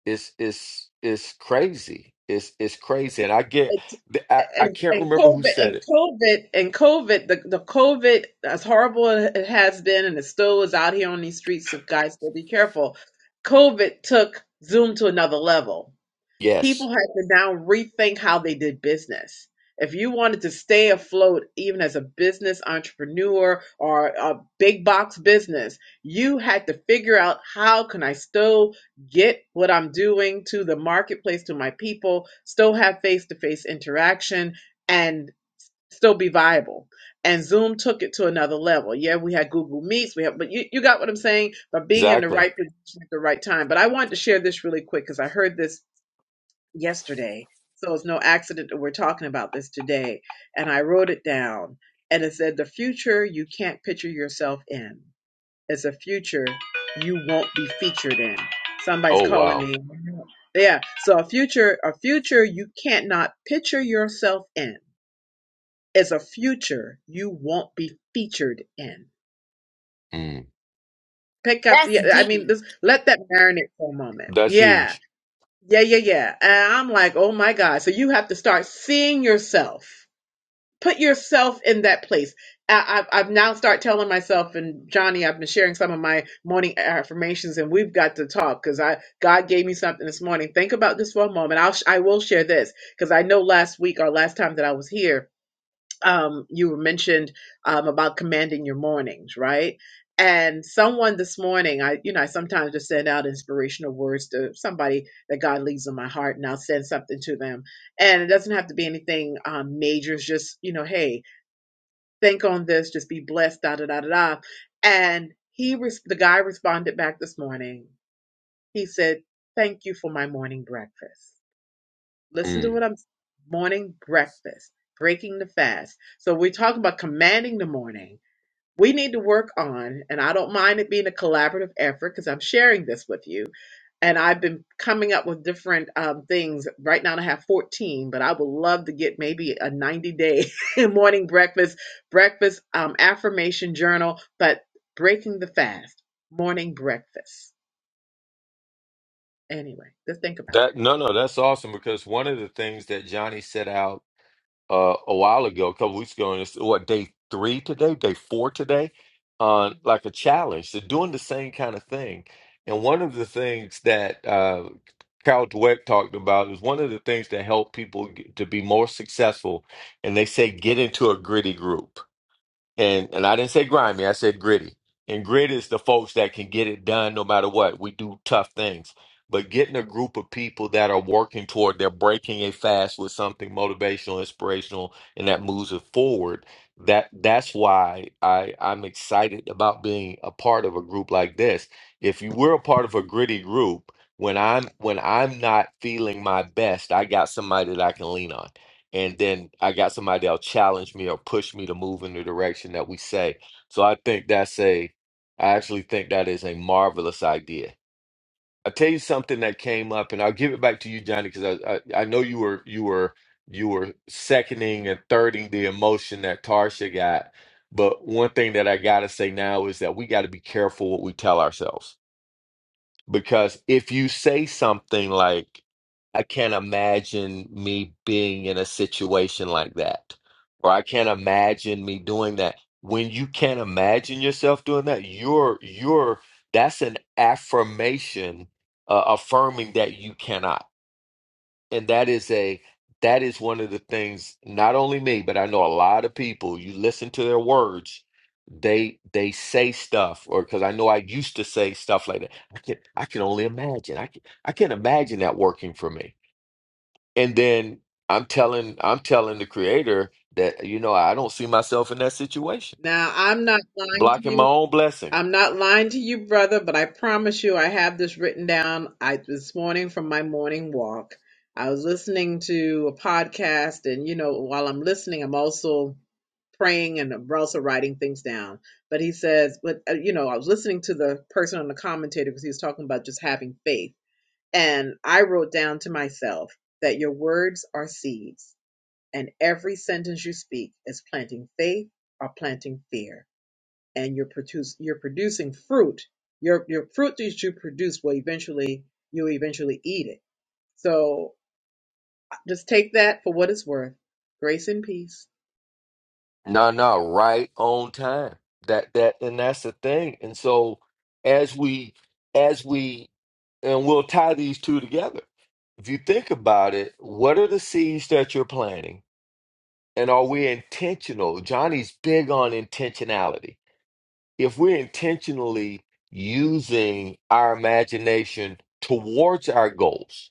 B: is is is crazy. It's it's crazy, and I get
E: It's,
B: I, I
E: and,
B: can't
E: and
B: remember
E: COVID
B: who said
E: and
B: it.
E: COVID and COVID the, the COVID as horrible as it has been and it still is out here on these streets of guys so be careful. COVID took Zoom to another level People
B: Yes,
E: have to now rethink how they did business. If you wanted to stay afloat, even as a business entrepreneur or a big box business, you had to figure out how can I still get what I'm doing to the marketplace, to my people, still have face to face interaction, and still be viable. And Zoom took it to another level. Yeah, we had Google Meets, we have, but you, you got what I'm saying? But being in the
B: exactly.
E: right position at the right time. But I wanted to share this really quick because I heard this yesterday. So it's no accident that we're talking about this today. And I wrote it down and it said, The future you can't picture yourself in. is a future you won't be featured in. Somebody's
B: Oh
E: calling
B: wow,
E: me. Yeah. So a future, a future you can't not picture yourself in is a future you won't be featured in.
B: mm,
E: Pick up.
C: that's
E: Yeah. I
C: deep
E: mean, this, let that marinate for a moment.
B: that's
E: Yeah.
B: huge.
E: Yeah. Yeah. Yeah. And I'm like, oh my God. So you have to start seeing yourself put yourself in that place. I, I've, I've now start telling myself and Johnny, I've been sharing some of my morning affirmations, and we've got to talk because I God gave me something this morning. Think about this for a moment. I'll I will share this because I know last week or last time that I was here um, you were mentioned um, about commanding your mornings, right? And someone this morning, I you know, I sometimes just send out inspirational words to somebody that God leaves in my heart, and I'll send something to them. And it doesn't have to be anything um, major. It's just you know, hey, think on this, just be blessed, da da da da da. And he, res- the guy, responded back this morning. He said, "Thank you for my morning breakfast." Listen to
B: Mm.
E: what I'm morning breakfast, breaking the fast. So we're talking about commanding the morning. We need to work on, and I don't mind it being a collaborative effort because I'm sharing this with you and I've been coming up with different um, things. Right now, I have 14, but I would love to get maybe a 90 day *laughs* morning breakfast, breakfast um, affirmation journal, but breaking the fast, morning breakfast. Anyway, just think about
B: That no no that's awesome because one of the things that Johnny set out uh, a while ago, a couple weeks ago, and it's what day three today, day four today,
E: that.
B: on
E: Mhm.
B: like a challenge. They're doing the same kind of thing. And one of the things that uh, Carol Dweck talked about is one of the things that help people get, to be more successful. And they say get into a gritty group and and I didn't say grimy, I said gritty. And grit is the folks that can get it done no matter what. We do tough things. But getting a group of people that are working toward they're breaking a fast with something motivational, inspirational, and that moves it forward. That that's why I, I'm excited about being a part of a group like this. If you were a part of a gritty group, when I'm when I'm not feeling my best, I got somebody that I can lean on and then I got somebody that'll challenge me or push me to move in the direction that we say. So I think that's a, I actually think that is a marvelous idea. I'll tell you something that came up, and I'll give it back to you, Johnny, because I, I I know you were you were you were seconding and thirding the emotion that Tarsha got. But one thing that I gotta say now is that we got to be careful what we tell ourselves because if you say something like, I can't imagine me being in a situation like that, or I can't imagine me doing that. When you can't imagine yourself doing that, you're you're that's an affirmation, uh, affirming that you cannot. And that is a that is one of the things, not only me, but I know a lot of people, you listen to their words, they they say stuff, or because I know I used to say stuff like that. I can I can only imagine. I can I can imagine that working for me. And then I'm telling I'm telling the creator that, you know, I don't see myself in that situation.
E: Now, I'm not lying to
B: Blocking
E: you.
B: my own blessing.
E: I'm not lying to you, brother, but I promise you I have this written down. I this morning from my morning walk. I was listening to a podcast and you know, while I'm listening, I'm also praying and I'm also writing things down. But he says, but uh, you know, I was listening to the person on the commentator because he was talking about just having faith. And I wrote down to myself that your words are seeds and every sentence you speak is planting faith or planting fear and you're produce you're producing fruit. Your your fruit that you produce will eventually you'll eventually eat it. So just take that for what it's worth. Grace and peace.
B: No, no, right on time. That that and that's the thing. And so as we as we and we'll tie these two together. If you think about it, what are the seeds that you're planting? And are we intentional? Johnny's big on intentionality. If we're intentionally using our imagination towards our goals,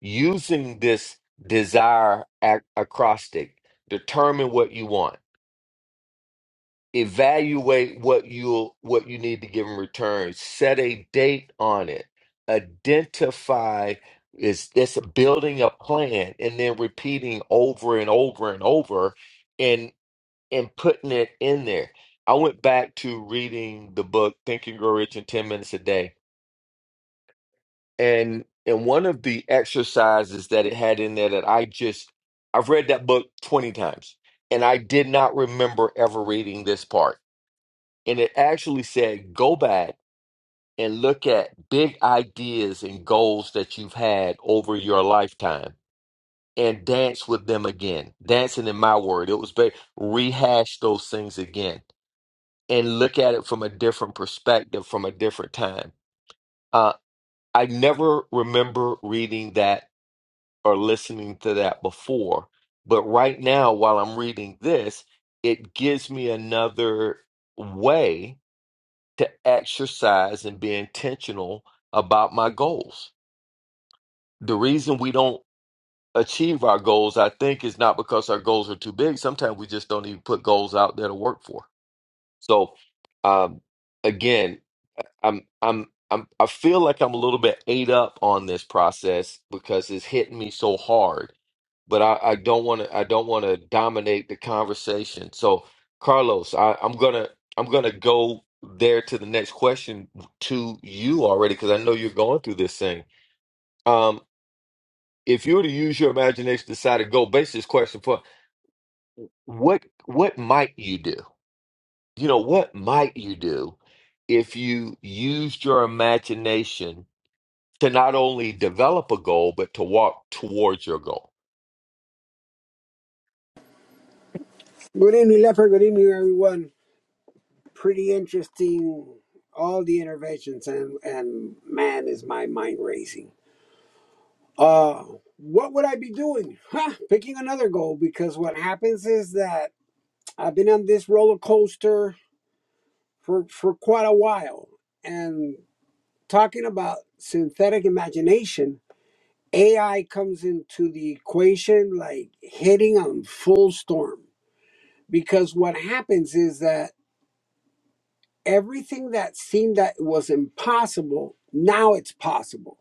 B: using this desire ac- acrostic, determine what you want evaluate what you what you need to give in return set a date on it identify is this building a plan and then repeating over and over and over and and putting it in there i went back to reading the book think and grow rich in 10 minutes a day and and one of the exercises that it had in there that i just i've read that book 20 times and i did not remember ever reading this part and it actually said go back and look at big ideas and goals that you've had over your lifetime and dance with them again dancing in my word it was very rehash those things again and look at it from a different perspective from a different time uh, i never remember reading that or listening to that before but right now while i'm reading this it gives me another way to exercise and be intentional about my goals. The reason we don't achieve our goals, I think, is not because our goals are too big. Sometimes we just don't even put goals out there to work for. So, um, again, I'm, I'm, I'm, I feel like I'm a little bit ate up on this process because it's hitting me so hard but I, I don't want to I don't want to dominate the conversation. So Carlos, I, I'm gonna I'm gonna go there to the next question to you already because I know you're going through this thing. Um, if you were to use your imagination, to decide to go base this question for what what might you do? You know what might you do if you used your imagination to not only develop a goal but to walk towards your goal?
F: Good evening, Leopard. Good evening, everyone. Pretty interesting, all the interventions, and, and man, is my mind racing. Uh, what would I be doing? *laughs* Huh, picking another goal because what happens is that I've been on this roller coaster for, for quite a while. And talking about synthetic imagination, AI comes into the equation like hitting on full storm. Because what happens is that everything that seemed that was impossible now it's possible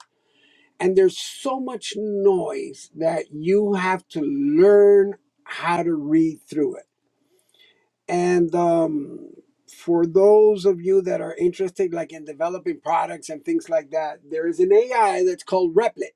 F: and there's so much noise that you have to learn how to read through it and um, for those of you that are interested like in developing products and things like that there is an ai that's called replit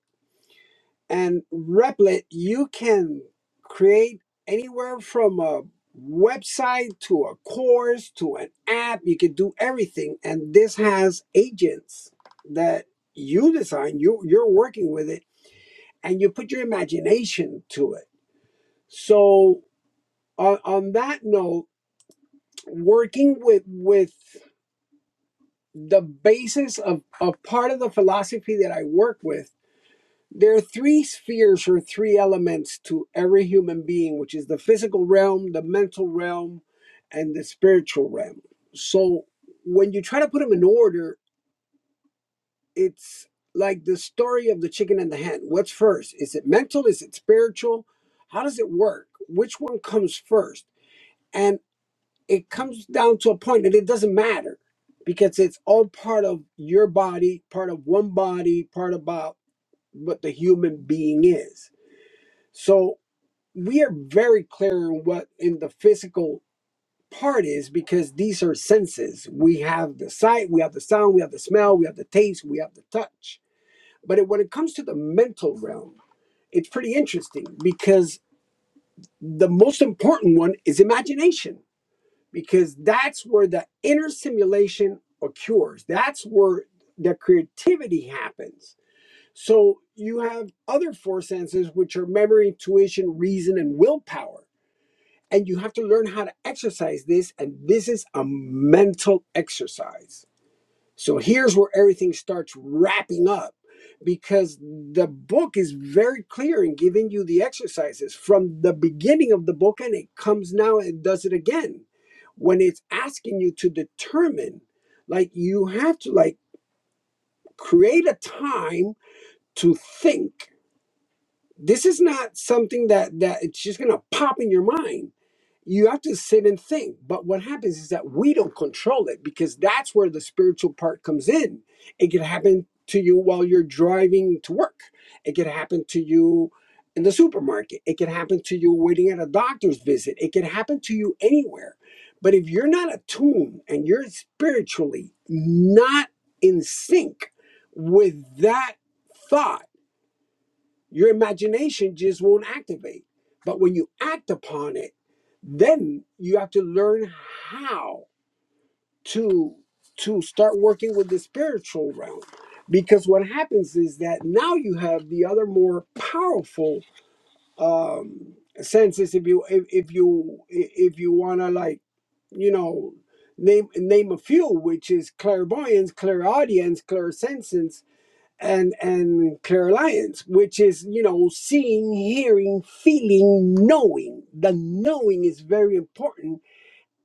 F: and Replit, you can create anywhere from a website to a course to an app. You can do everything. And this has agents that you design, you, you're working with it, and you put your imagination to it. So, on, on that note, working with, with the basis of a part of the philosophy that I work with There are three spheres or three elements to every human being, which is the physical realm, the mental realm, and the spiritual realm. So when you try to put them in order, it's like the story of the chicken and the hen. What's first? Is it mental? Is it spiritual? How does it work? Which one comes first? And it comes down to a point that it doesn't matter because it's all part of your body, part of one body, part about what the human being is. So we are very clear on what in the physical part is because these are senses. We have the sight, we have the sound, we have the smell, we have the taste, we have the touch. But it- when it comes to the mental realm, it's pretty interesting because the most important one is imagination because that's where the inner simulation occurs. That's where the creativity happens. So you have other four senses, which are memory, intuition, reason, and willpower and you have to learn how to exercise this and this is a mental exercise so here's where everything starts wrapping up because the book is very clear in giving you the exercises from the beginning of the book and it comes now and does it again when it's asking you to determine like you have to like create a time to think this is not something that that it's just going to pop in your mind you have to sit and think. But what happens is that we don't control it because that's where the spiritual part comes in. It can happen to you while you're driving to work, it can happen to you in the supermarket, it can happen to you waiting at a doctor's visit, it can happen to you anywhere. But if you're not attuned and you're spiritually not in sync with that thought, your imagination just won't activate. But when you act upon it, then you have to learn how to to start working with the spiritual realm because what happens is that now you have the other more powerful um senses if you if, if you if you want to like you know name name a few which is clairvoyance clairaudience clairsentience and and Carolines, which is you know seeing, hearing, feeling, knowing. The knowing is very important,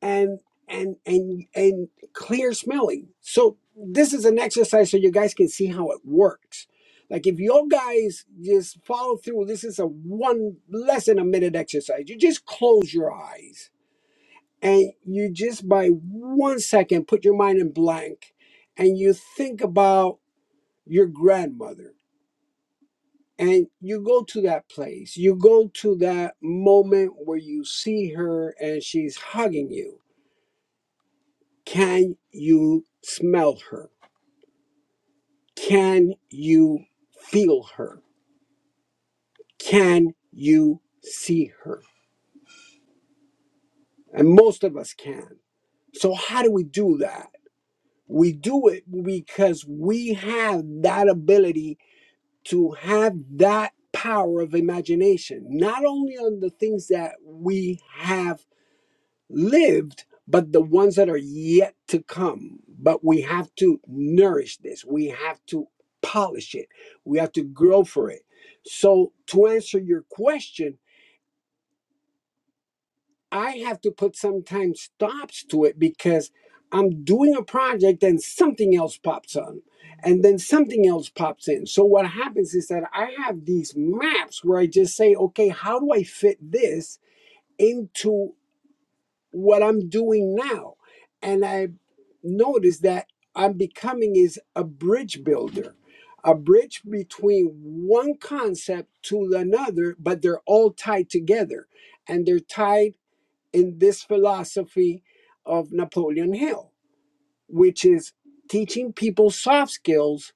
F: and and and and clear smelling. So this is an exercise so you guys can see how it works. Like if you guys just follow through, this is a one less than a minute exercise. You just close your eyes and you just by one second put your mind in blank, and you think about your grandmother and you go to that place you go to that moment where you see her and she's hugging you can you smell her can you feel her can you see her and most of us can so how do we do that we do it because we have that ability to have that power of imagination not only on the things that we have lived, but the ones that are yet to come. But we have to nourish this, we have to polish it, we have to grow for it. So, to answer your question, I have to put sometimes stops to it because I'm doing a project and something else pops on, and then something else pops in. So, what happens is that I have these maps where I just say, okay, how do I fit this? into what I'm doing now. And I noticed that I'm becoming is a bridge builder, a bridge between one concept to another, but they're all tied together. And they're tied in this philosophy of Napoleon Hill, which is teaching people soft skills,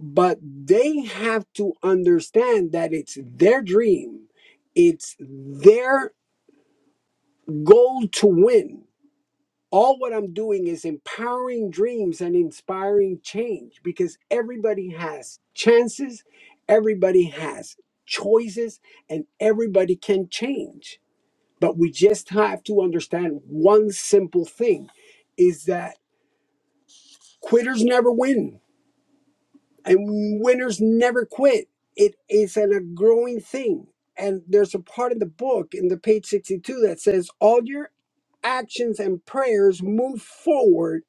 F: but they have to understand that it's their dream, it's their goal to win all what I'm doing is empowering dreams and inspiring change because everybody has chances, everybody has choices, and everybody can change. But we just have to understand one simple thing is that quitters never win and winners never quit. It is an, a growing thing. And there's a part in the book in the page 62 that says all your actions and prayers move forward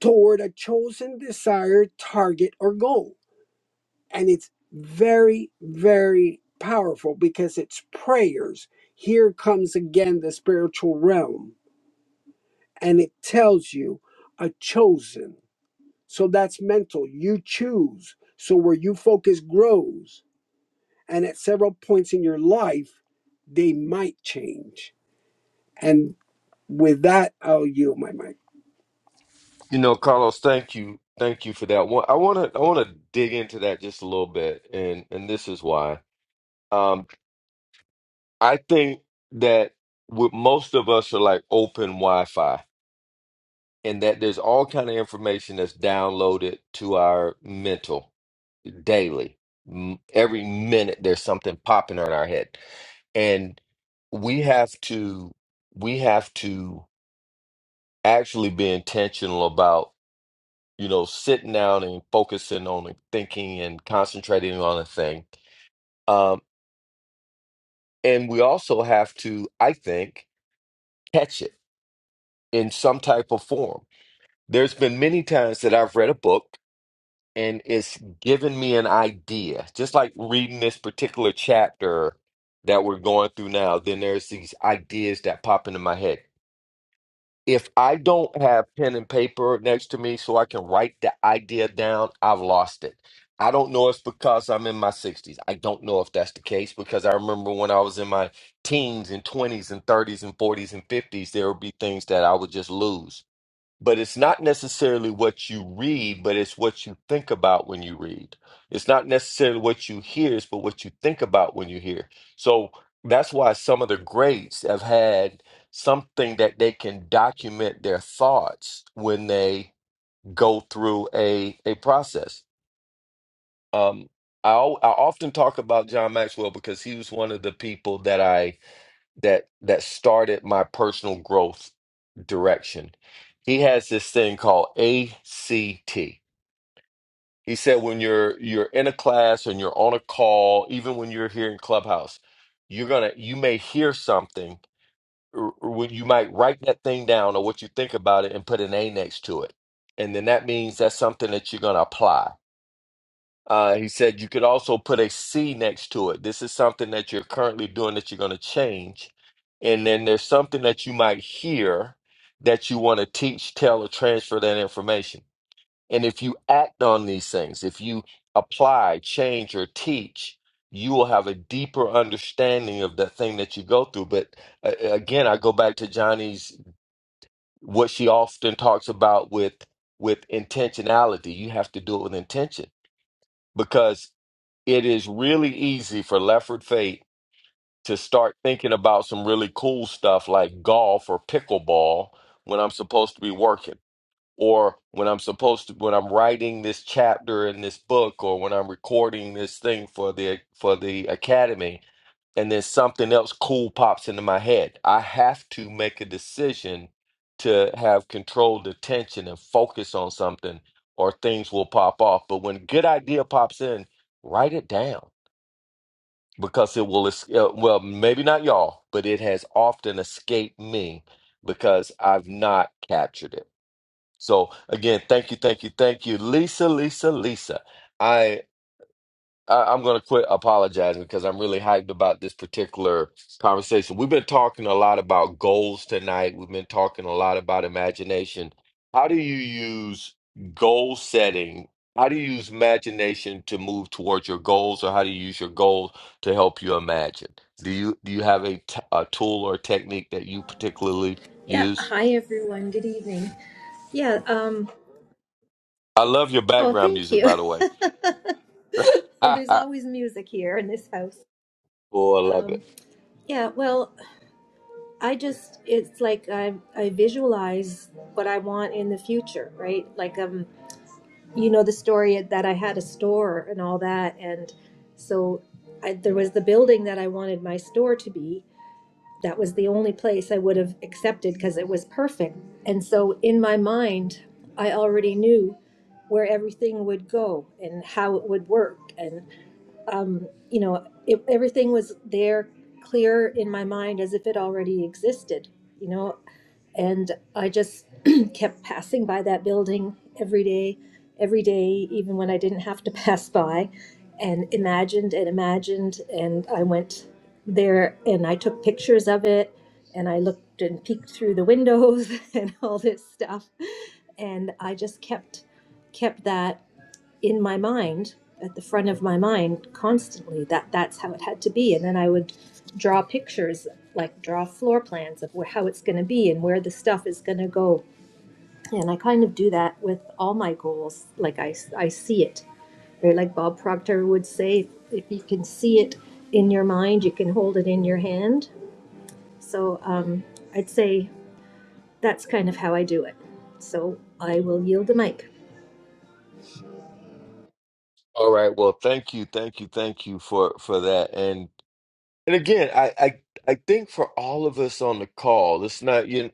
F: toward a chosen desired target or goal. And it's very, very powerful because it's prayers. Here comes again the spiritual realm, and it tells you a chosen. So that's mental. You choose. So where you focus grows. And at several points in your life, they might change. And with that, I'll yield my mic.
B: You know, Carlos, thank you. Thank you for that one. I want to I want to dig into that just a little bit and and this is why. Um I think that with most of us are like open Wi-Fi and that there's all kind of information that's downloaded to our mental daily. M- Every minute there's something popping on our head. And we have to we have to actually be intentional you know, sitting down and focusing on and thinking and concentrating on a thing. Um, and we also have to, I think, catch it in some type of form. There's been many times that I've read a book and it's given me an idea, just like reading this particular chapter that we're going through now. Then there's these ideas that pop into my head. if I don't have pen and paper next to me so I can write the idea down, I've lost it. I don't know if it's because I'm in my 60s. I don't know if that's the case because I remember when I was in my teens and 20s and 30s and 40s and 50s, there would be things that I would just lose but it's not necessarily what you read, but it's what you think about when you read. It's not necessarily what you hear, it's but what you think about when you hear. So that's why some of the greats have had something that they can document their thoughts when they go through a a process. Um, I al- I often talk about John Maxwell because he was one of the people that I that that started my personal growth direction. He has this thing called ACT. He said when you're you're in a class and you're on a call, even when you're here in Clubhouse, you're gonna you may hear something, or, or when you might write that thing down or what you think about it and put an A next to it, and then that means that's something that you're gonna apply uh, he said you could also put a C next to it. This is something that you're currently doing that you're going to change. And then there's something that you might hear that you want to teach, tell, or transfer that information. And if you act on these things, if you apply, change, or teach, you will have a deeper understanding of that thing that you go through. But uh, uh, again, I go back to Johnny's what she often talks about with with intentionality. You have to do it with intention because it is really easy for Lefford Fate to start thinking about some really cool stuff like golf or pickleball when I'm supposed to be working or when I'm supposed to when I'm writing this chapter in this book or when I'm recording this thing for the for the academy and then something else cool pops into my head. I have to make a decision to have controlled attention and focus on something or things will pop off. But when a good idea pops in, write it down because it will es- uh, well maybe not y'all but it has often escaped me because i've not captured it so again thank you thank you thank you lisa lisa lisa I, I'm going to quit apologizing because I'm really hyped about this particular conversation. We've been talking a lot about goals tonight. We've been talking a lot about imagination. How do you use goal setting? How do you use imagination to move towards your goals, or how do you use your goals to help you imagine? Do you do you have a, t- a tool or technique that you particularly
G: Yeah,
B: use?
G: hi everyone. Good evening. Yeah, um
B: I love your
G: oh,
B: background
G: thank
B: music,
G: you.
B: by the way.
G: *laughs*
B: *laughs* oh,
G: There's
B: I
G: always music here in this house.
B: love it.
G: Um yeah, well, I just it's like I I visualize what I want in the future, right? Like um you know the story that I had a store and all that and so I, there was the building that I wanted my store to be that was the only place I would have accepted because it was perfect. And so in my mind, I already knew where everything would go and how it would work. And, um, you know, it, everything was there clear in my mind as if it already existed. You know, and I just *clears throat* kept passing by that building every day, every day, even when I didn't have to *laughs* pass by, and imagined and imagined. And I went there and I took pictures of it, and I looked and peeked through the windows *laughs* and all this stuff, and I just kept kept that in my mind at the front of my mind constantly that that's how it had to be and then i would draw pictures like draw floor plans of where, how it's going to be and where the stuff is going to go and i kind of do that with all my goals like i, I see it right? like bob proctor would say if you can see it in your mind you can hold it in your hand so um, i'd say that's kind of how i do it so i will yield the mic
B: All right. Well, thank you, thank you, thank you for for that. and. And again, I, I I think for all of us on the call, it's not you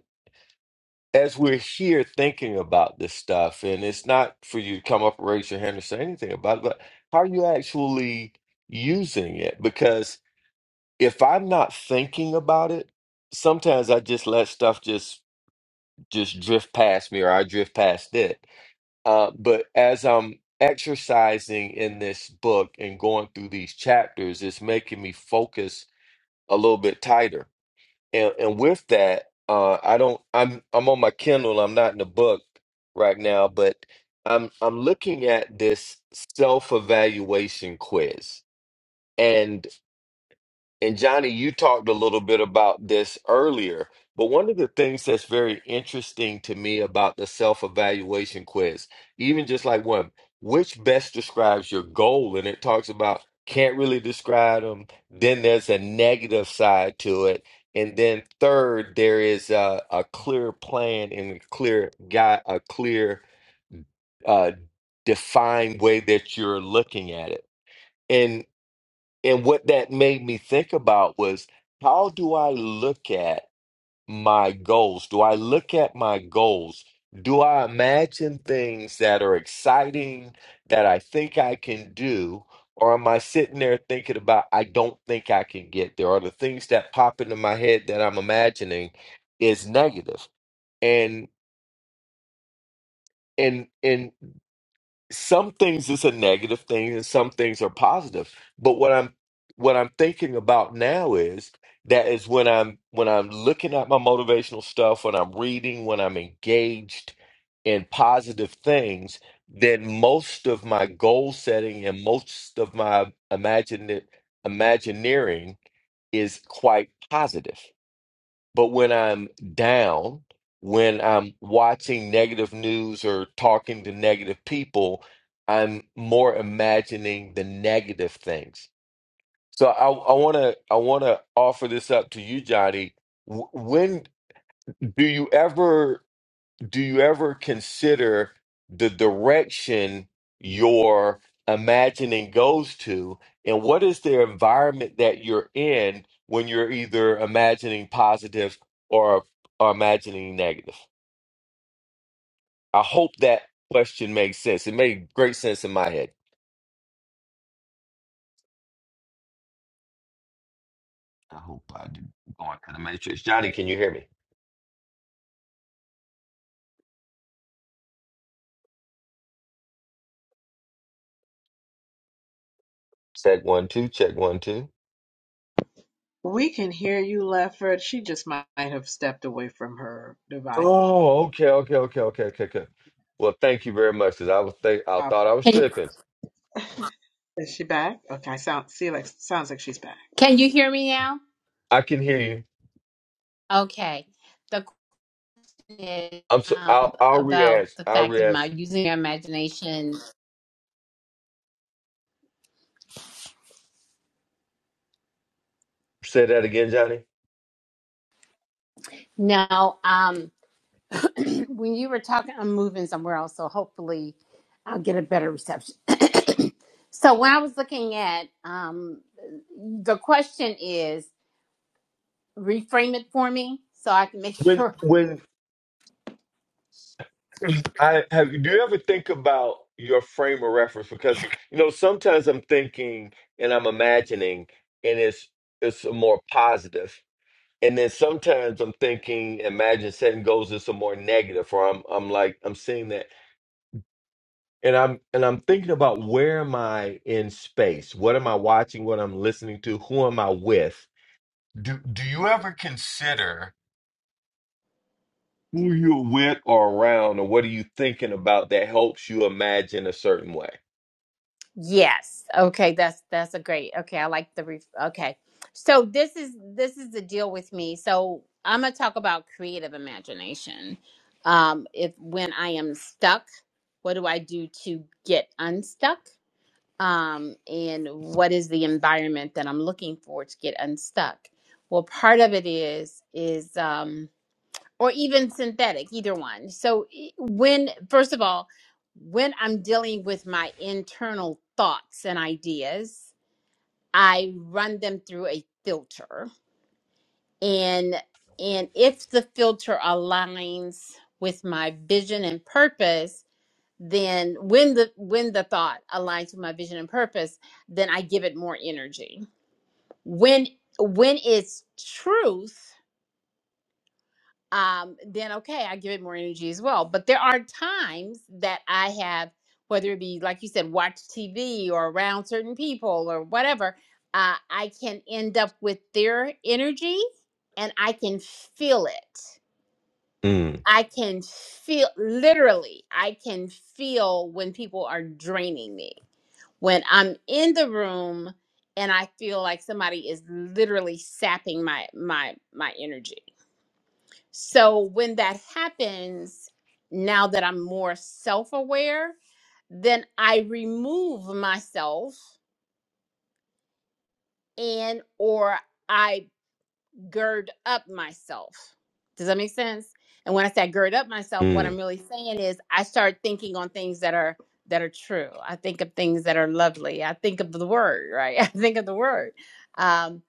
B: as we're here thinking about this stuff, and it's not for you to come up and raise your hand or say anything about it, but how are you actually using it? Because if I'm not thinking about it, sometimes I just let stuff just just drift past me or I drift past it. Uh, but as I'm exercising in this book and going through these chapters, it's making me focus a little bit tighter And and with that, uh, I don't. I'm I'm on my Kindle. I'm not in the book right now, but I'm I'm looking at this self-evaluation quiz, and Johnny, you talked a little bit about this earlier, but one of the things that's very interesting to me about the self-evaluation quiz, even just like one, which best describes your goal? And it talks about can't really describe them. Then there's a negative side to it. And then third, there is a, a clear plan and a clear guy, a clear uh, defined way that you're looking at it. And what that made me think about was how do I look at my goals? Do I look at my goals? Do I imagine things that are exciting that I think I can do? Or am I sitting there thinking about, I don't think I can get there? Or the things that pop into my head that I'm imagining is negative. And and and some things is a negative thing and some things are positive but what i'm what i'm thinking about now is that is when i'm when i'm looking at my motivational stuff when i'm reading when i'm engaged in positive things then most of my goal setting and most of my imagine imagineering is quite positive but when I'm down, when I'm watching negative news or talking to negative people, I'm more imagining the negative things. So I, I want to I want to offer this up to you, Johnny. W- When do you ever? do you ever consider the direction your imagining goes to and what is the environment that you're in when you're either imagining positive or, or imagining negative i hope that question makes sense it made great sense in my head i hope i did going to the matrix johnny can you hear me check one two check one, one two
E: We can hear you, Lefford. She just might have stepped away from her device.
B: Oh, okay, okay, okay, okay, okay, okay. Well, thank you very much. Cause I was think I
E: Uh,
B: thought I was
C: can,
B: tripping.
E: Is she back? Okay, sound see like sounds like she's back.
C: can you hear me now
B: I can hear you.
C: okay is
B: I'm so
C: um,
B: I'll I'll
C: about
B: re-ask.
C: the
B: I'll
C: fact of my
B: re-ask.
C: using our imagination.
B: Say that again, Johnny.
C: Now, um, *clears throat* when you were talking, I'm moving somewhere else, so hopefully I'll get a better reception. *clears throat* so, when I was looking at um, the question, is reframe it for me so I can make *laughs*
B: When
C: sure
B: when *clears throat* I have do you ever think about your frame of reference? Because you know, sometimes I'm thinking and I'm imagining and it's it's more positive. And then sometimes I'm thinking, imagine setting goals is a more negative, or I'm I'm like I'm seeing that. And I'm and I'm thinking about where am I in space? What am I watching? What I'm listening to? Who am I with? Do do you ever consider who you're with or around or what are you thinking about that helps you imagine a certain way
C: Yes. Okay, that's that's a great. Okay, I like the ref- okay. So this is this is the deal with me. So I'm going to talk about creative imagination. Um if when I am stuck, what do I do to get unstuck? Um and what is the environment that I'm looking for to get unstuck? Well, part of it is is um or even synthetic, either one. So, i- when, first of all, when I'm dealing with my internal thoughts and ideas, I run them through a filter. And and if the filter aligns with my vision and purpose, then when the when the thought aligns with my vision and purpose, then I give it more energy. When when it's truth, um, then okay, I give it more energy as well. But there are times that I have, whether it be like you said, watch TV or around certain people or whatever, uh, I can end up with their energy and I can feel it.
B: mm,
C: I can feel literally, I can feel when people are draining me. When I'm in the room and I feel like somebody is literally sapping my my my energy so when that happens, now that I'm more self aware, then I remove myself and or I gird up myself. Does that make sense? And when I say I gird up myself, what
B: mm.
C: I'm really saying is I start thinking on things that are that are true. I think of things that are lovely. I think of the word, right? *laughs* I think of the word. Um,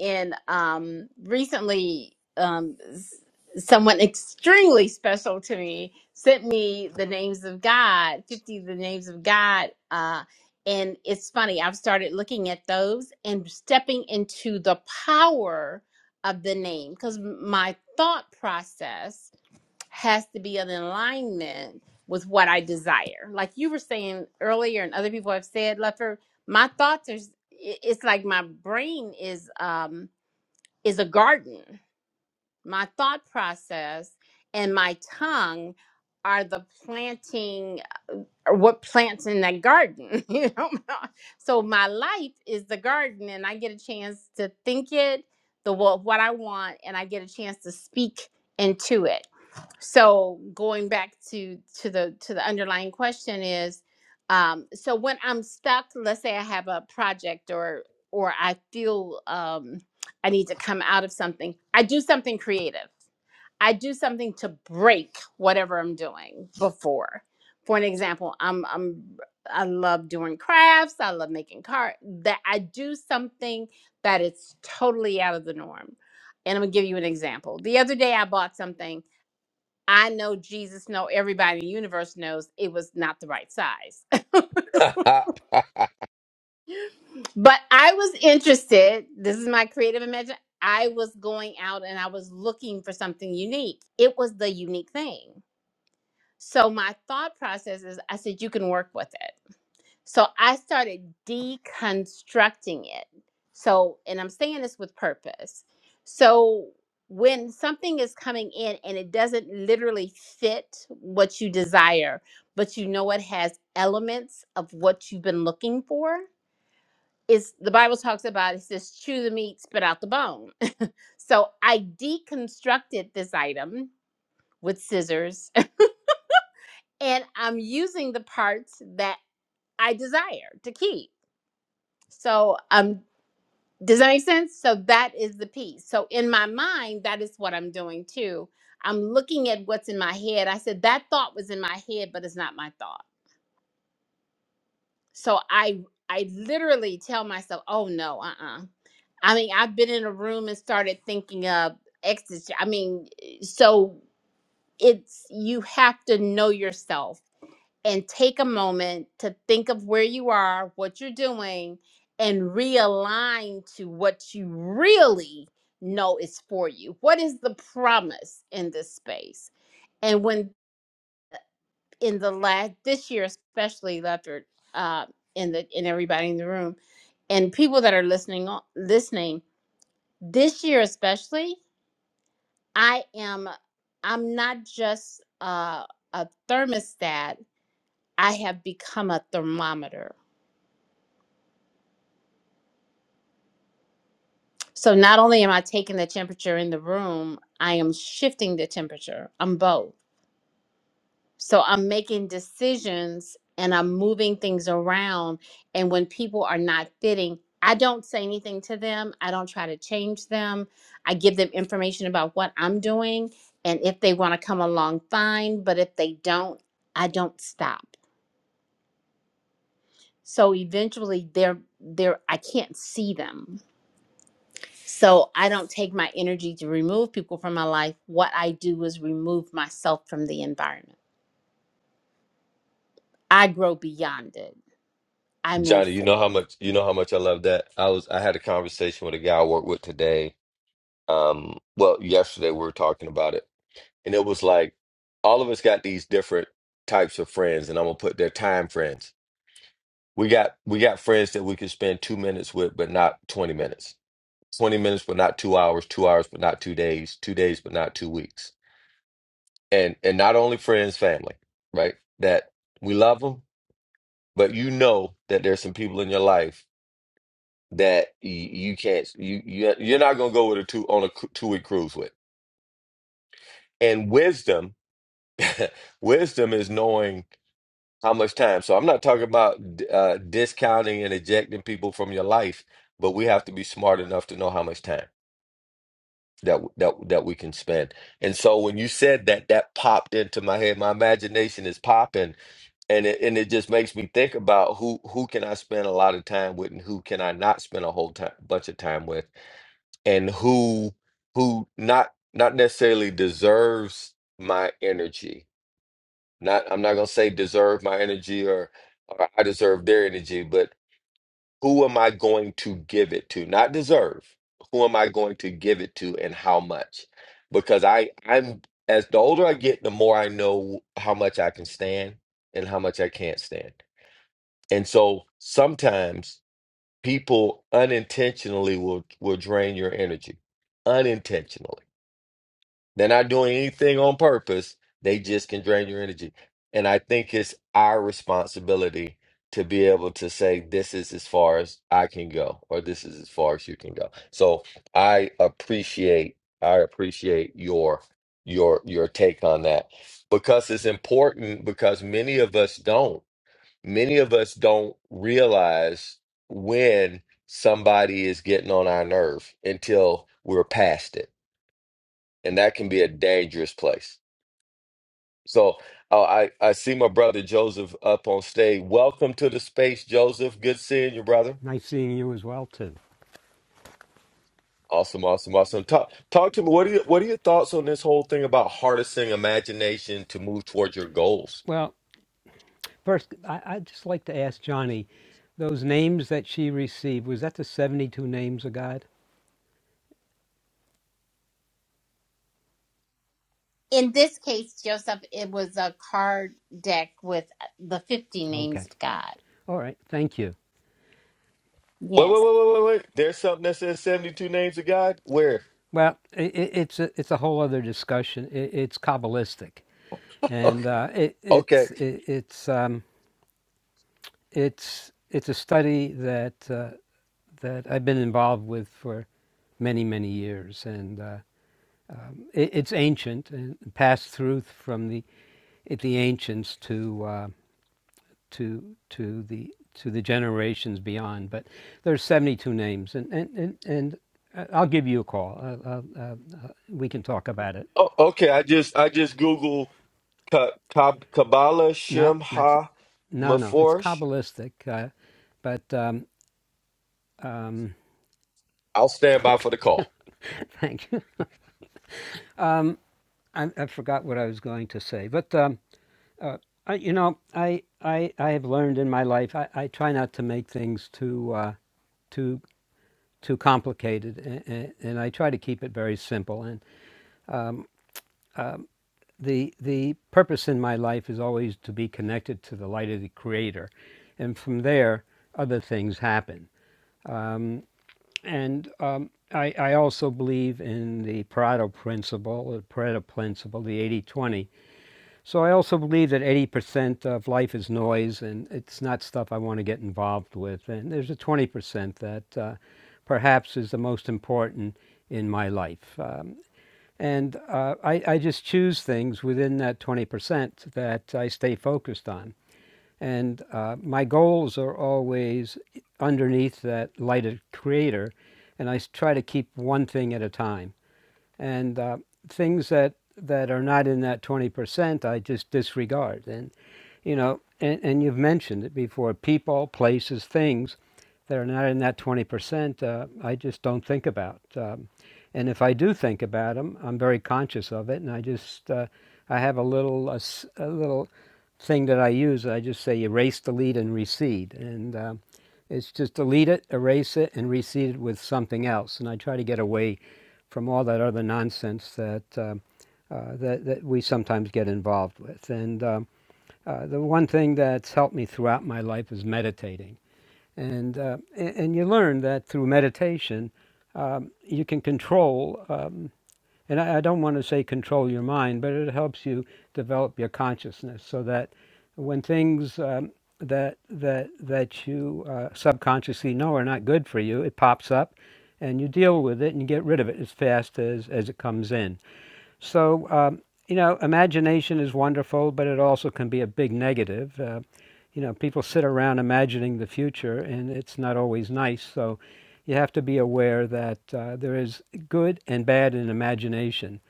C: and um, recently, um, s- someone extremely special to me sent me the names of God, 50 of the names of God. Uh, and it's funny, I've started looking at those and stepping into the power of the name because my thought process has to be in alignment with what I desire. Like you were saying earlier, and other people have said, Leffer, my thoughts are. It's like my brain is um is a garden. My thought process and my tongue are the planting or what plants in that garden *laughs* you know so my life is the garden and i get a chance to think it the wha- what i want and i get a chance to speak into it so going back to to the to the underlying question is um so when i'm stuck let's say i have a project or or i feel um i need to come out of something i do something creative I do something to break whatever I'm doing before. For an example, I'm I'm I love doing crafts, I love making car that I do something that it's totally out of the norm. And I'm gonna give you an example. The other day I bought something I know Jesus know everybody in the universe knows it was not the right size. *laughs*
B: *laughs*
C: but I was interested, this is my creative imagination. I was going out and I was looking for something unique. It was the unique thing So my thought process is I said, you can work with it. So I started deconstructing it. So, and I'm saying this with purpose. So when something is coming in and it doesn't literally fit what you desire, but you know it has elements of what you've been looking for, is the Bible talks about it says, chew the meat, spit out the bone. *laughs* So I deconstructed this item with scissors *laughs* and I'm using the parts that I desire to keep. So, um, does that make sense? So that is the piece. So in my mind, that is what I'm doing too. I'm looking at what's in my head. I said that thought was in my head, but it's not my thought. So I I literally tell myself, oh no, uh-uh. I mean, I've been in a room and started thinking of ecstasy. I mean, eh, so it's you have to know yourself and take a moment to think of where you are, what you're doing, and realign to what you really know is for you. What is the promise in this space? And when in the last this year, especially Lefford, uh, in the in everybody in the room, and people that are listening on- listening this year especially, I am I'm not just uh, a thermostat. I have become a thermometer So not only am I taking the temperature in the room, I am shifting the temperature. I'm both. So I'm making decisions and I'm moving things around. And when people are not fitting, I don't say anything to them. I don't try to change them. I give them information about what I'm doing. And if they want to come along, fine. But if they don't, I don't stop. So eventually they're they're I can't see them So I don't take my energy to remove people from my life. What I do is remove myself from the environment. I grow beyond it. I move
B: johnny you
C: forward.
B: know how much you know how much i love that i was i had a conversation with a guy i work with today um well yesterday we were talking about it and it was like all of us got these different types of friends and i'm gonna put their time friends We got we got friends that we could spend two minutes with, but not 20 minutes. 20 minutes, but not two hours. Two hours, but not two days. Two days, but not two weeks. And and not only friends, family, right? That we love them, but you know that there's some people in your life that y- you can't you you you're not gonna go with a two on a two week cruise with. And wisdom, *laughs* wisdom is knowing. How much time? So I'm not talking about uh, discounting and ejecting people from your life, but we have to be smart enough to know how much time that that that we can spend. And so when you said that, that popped into my head. My imagination is popping, and it and it just makes me think about who who can I spend a lot of time with, and who can I not spend a whole time bunch of time with, and who who not not necessarily deserves my energy not I'm not gonna say deserve my energy or or I deserve their energy, but who am I going to give it to? Not deserve. Who am I going to give it to and how much? Because I I'm as the older I get, the more I know how much I can stand and how much I can't stand. And so sometimes people unintentionally will will drain your energy. Unintentionally they're not doing anything on purpose. They just can drain your energy. And I think it's our responsibility to be able to say, this is as far as I can go, or this is as far as you can go. So I appreciate, I appreciate your your your take on that because it's important because many of us don't many of us don't realize when somebody is getting on our nerve until we're past it and that can be a dangerous place. So uh, I I see my brother Joseph up on stage. Welcome to the space, Joseph. Good seeing you, brother.
H: Nice seeing you as well, too.
B: Awesome, awesome, awesome. Talk talk to me. What are you, what are your thoughts on this whole thing about harnessing imagination to move towards your goals?
H: Well, first, I, I'd just like to ask Johnny, those names that she received, was that the 72 names of God?
C: In this case, Joseph, it was a card deck with uh, the 50 names
H: Okay.
C: of God.
H: All right. Thank you.
B: Wait,
C: Yes.
B: wait, wait, wait, wait, wait. There's something that says 72 names of God. Where? *laughs*
H: Well, i it's, a, it's a whole other discussion. I it's Kabbalistic.
B: Okay.
H: And uh, it,
B: okay.
H: it's, it, it's, um, it's, it's a study that, uh, that I've been involved with for many, many years. And uh, it, it's ancient and passed through from the, it, the ancients to. Uh, to to the to the generations beyond. But there's 72 names, and and and, and uh, I'll give you a call. Uh, uh, uh, uh, we can talk about it.
B: Oh, okay. I just I just Google Ka- Ka- Kabbalah
H: No,
B: Shem
H: that's
B: Ha
H: no, no. It's
B: Meforsh.
H: kabbalistic, uh, but um, um,
B: I'll stand by for the
H: okay.
B: call.
H: *laughs* Thank you. I, I forgot what I was going to say, but um, uh, I, you know, I I I have learned in my life. I, I try not to make things too. Uh, too too complicated, and, and I try to keep it very simple. and. the the purpose in my life is always to be connected to the light of the creator and from there other things happen and um, I, I also believe in the Pareto principle, the Pareto principle, the 80-20. So I also believe that 80% of life is noise, and it's not stuff I want to get involved with. And there's a 20% that uh, perhaps is the most important in my life. Um, and uh, I, I just choose things within that 20% that I stay focused on. And uh, my goals are always underneath that lighted creator, and I try to keep one thing at a time and uh, things that that are not in that 20% i just disregard and you know and, and you've mentioned it before people places things that are not in that 20% uh, i just don't think about um, and if i do think about them i'm very conscious of it and i just uh, i have a little a a little thing that i use i just say erase delete and recede and um it's just delete it, erase it, and reseed it with something else. And I try to get away from all that other nonsense that um, uh, that, that we sometimes get involved with. And um, uh, the one thing that's helped me throughout my life is meditating. And uh, and you learn that through meditation, um, you can control. Um, and I, I don't want to say control your mind, but it helps you develop your consciousness so that when things um, that that that you uh, subconsciously know are not good for you, it pops up, and you deal with it and you get rid of it as fast as as it comes in. So, um, you know, imagination is wonderful, but it also can be a big negative. Uh, you know, people sit around imagining the future, and it's not always nice. So, you have to be aware that uh, there is good and bad in imagination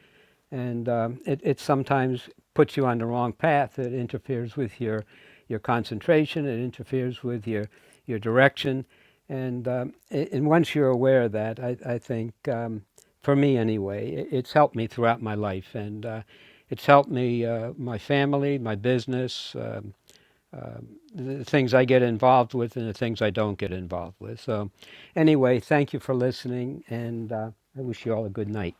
H: and um, it, it sometimes puts you on the wrong path. It interferes with your your concentration. It interferes with your your direction, and um, a- and once you're aware of that, I, I think um, for me anyway, it, it's helped me throughout my life, and uh, it's helped me uh, my family, my business, um, um, the things I get involved with, and the things I don't get involved with. So, anyway, thank you for listening, and uh, I wish you all a good night.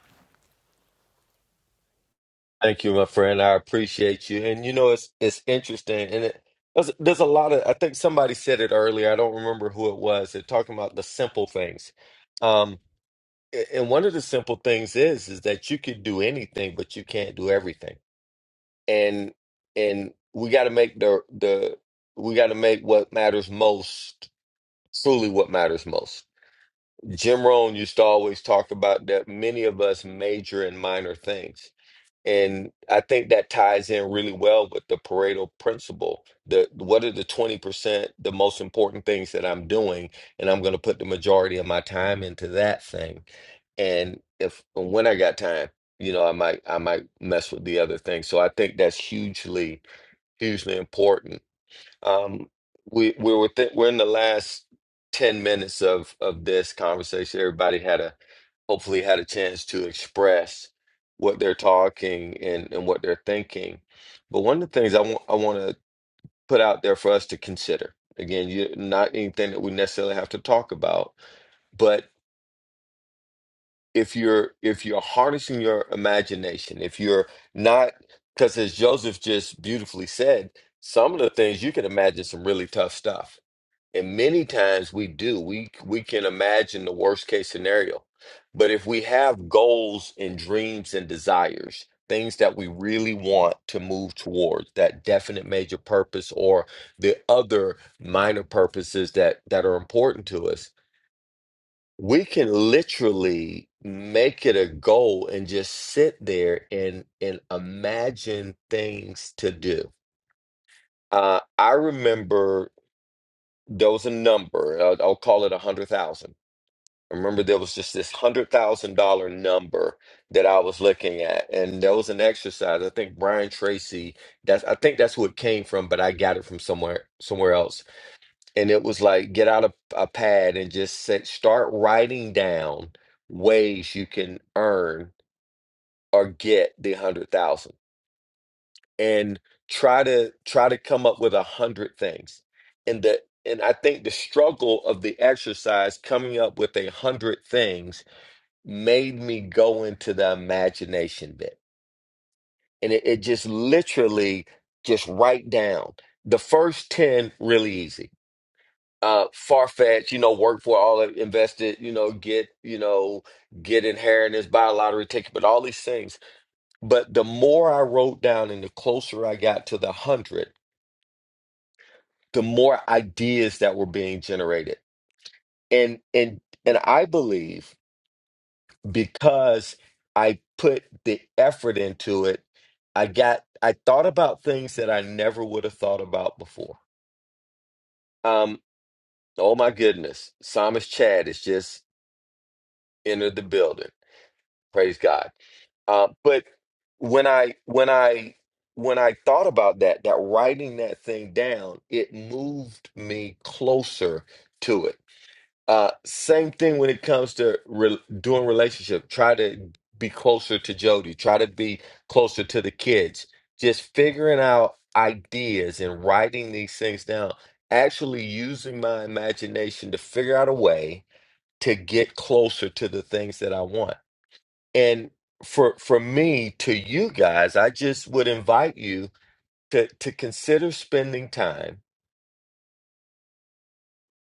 B: Thank you, my friend. I appreciate you. And you know, it's it's interesting, and it there's, there's a lot of. I think somebody said it earlier. I don't remember who it was. They're talking about the simple things. Um, a- and one of the simple things is is that you can do anything, but you can't do everything. And and we got to make the the we got to make what matters most truly what matters most Jim Rohn used to always talk about that many of us major in minor things. And I think that ties in really well with the Pareto principle. The what are the 20%, the most important things that I'm doing, and I'm going to put the majority of my time into that thing. And if when I got time, you know, I might I might mess with the other things. So I think that's hugely, hugely important. Um, we we we're within, we're in the last ten minutes of of this conversation. Everybody had a hopefully had a chance to express what they're talking and and what they're thinking. But one of the things I want I want to put out there for us to consider again, you not anything that we necessarily have to talk about, but if you're if you're harnessing your imagination, if you're not because as Joseph just beautifully said, some of the things you can imagine some really tough stuff and many times we do. We we can imagine the worst case scenario. But if we have goals and dreams and desires, things that we really want to move towards, that definite major purpose or the other minor purposes that that are important to us, we can literally make it a goal and just sit there and and imagine things to do. Uh, I remember there was a number, uh, I'll call it a hundred thousand I remember there was just this hundred thousand dollar number that I was looking at, and that was an exercise. I think Brian Tracy. That's I think that's who it came from, but I got it from somewhere somewhere else. And it was like get out a, a pad and just say, start writing down ways you can earn or get the hundred thousand, and try to try to come up with a hundred things. And the and I think the struggle of the exercise coming up with a hundred things made me go into the imagination bit. And it, it just literally just write down the first 10 really easy. Uh far-fetched, you know, work for all that invested, you know, get, you know, get inheritance, buy a lottery ticket, but all these things. But the more I wrote down and the closer I got to the hundred, the more ideas that were being generated. And and and I believe because I put the effort into it. I got I thought about things that I never would have thought about before. Um, oh my goodness, Psalmist Chad has just entered the building. Praise God. Uh, but when I when I when I thought about that, that writing that thing down, it moved me closer to it Uh, same thing when it comes to re doing relationship. Try to be closer to Jody. Try to be closer to the kids. Just figuring out ideas and writing these things down. Actually using my imagination to figure out a way to get closer to the things that I want. And for for me to you guys, I just would invite you to to consider spending time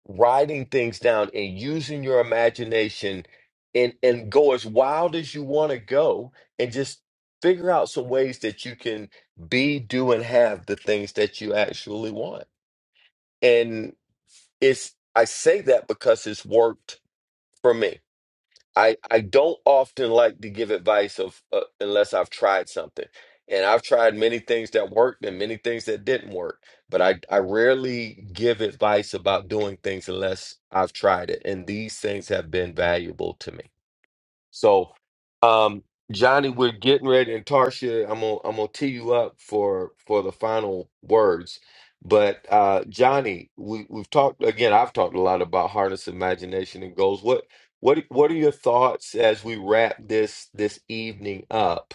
B: writing things down and using your imagination and and go as wild as you want to go and just figure out some ways that you can be do and have the things that you actually want and it's i say that because it's worked for me I I don't often like to give advice of uh, unless I've tried something. And I've tried many things that worked and many things that didn't work, but I I rarely give advice about doing things unless I've tried it. And these things have been valuable to me. So, um, Johnny, we're getting ready, and Tarsha, I'm gonna I'm gonna tee you up for for the final words. But uh, Johnny, we we've talked again. I've talked a lot about harness imagination and goals. What what what are your thoughts as we wrap this this evening up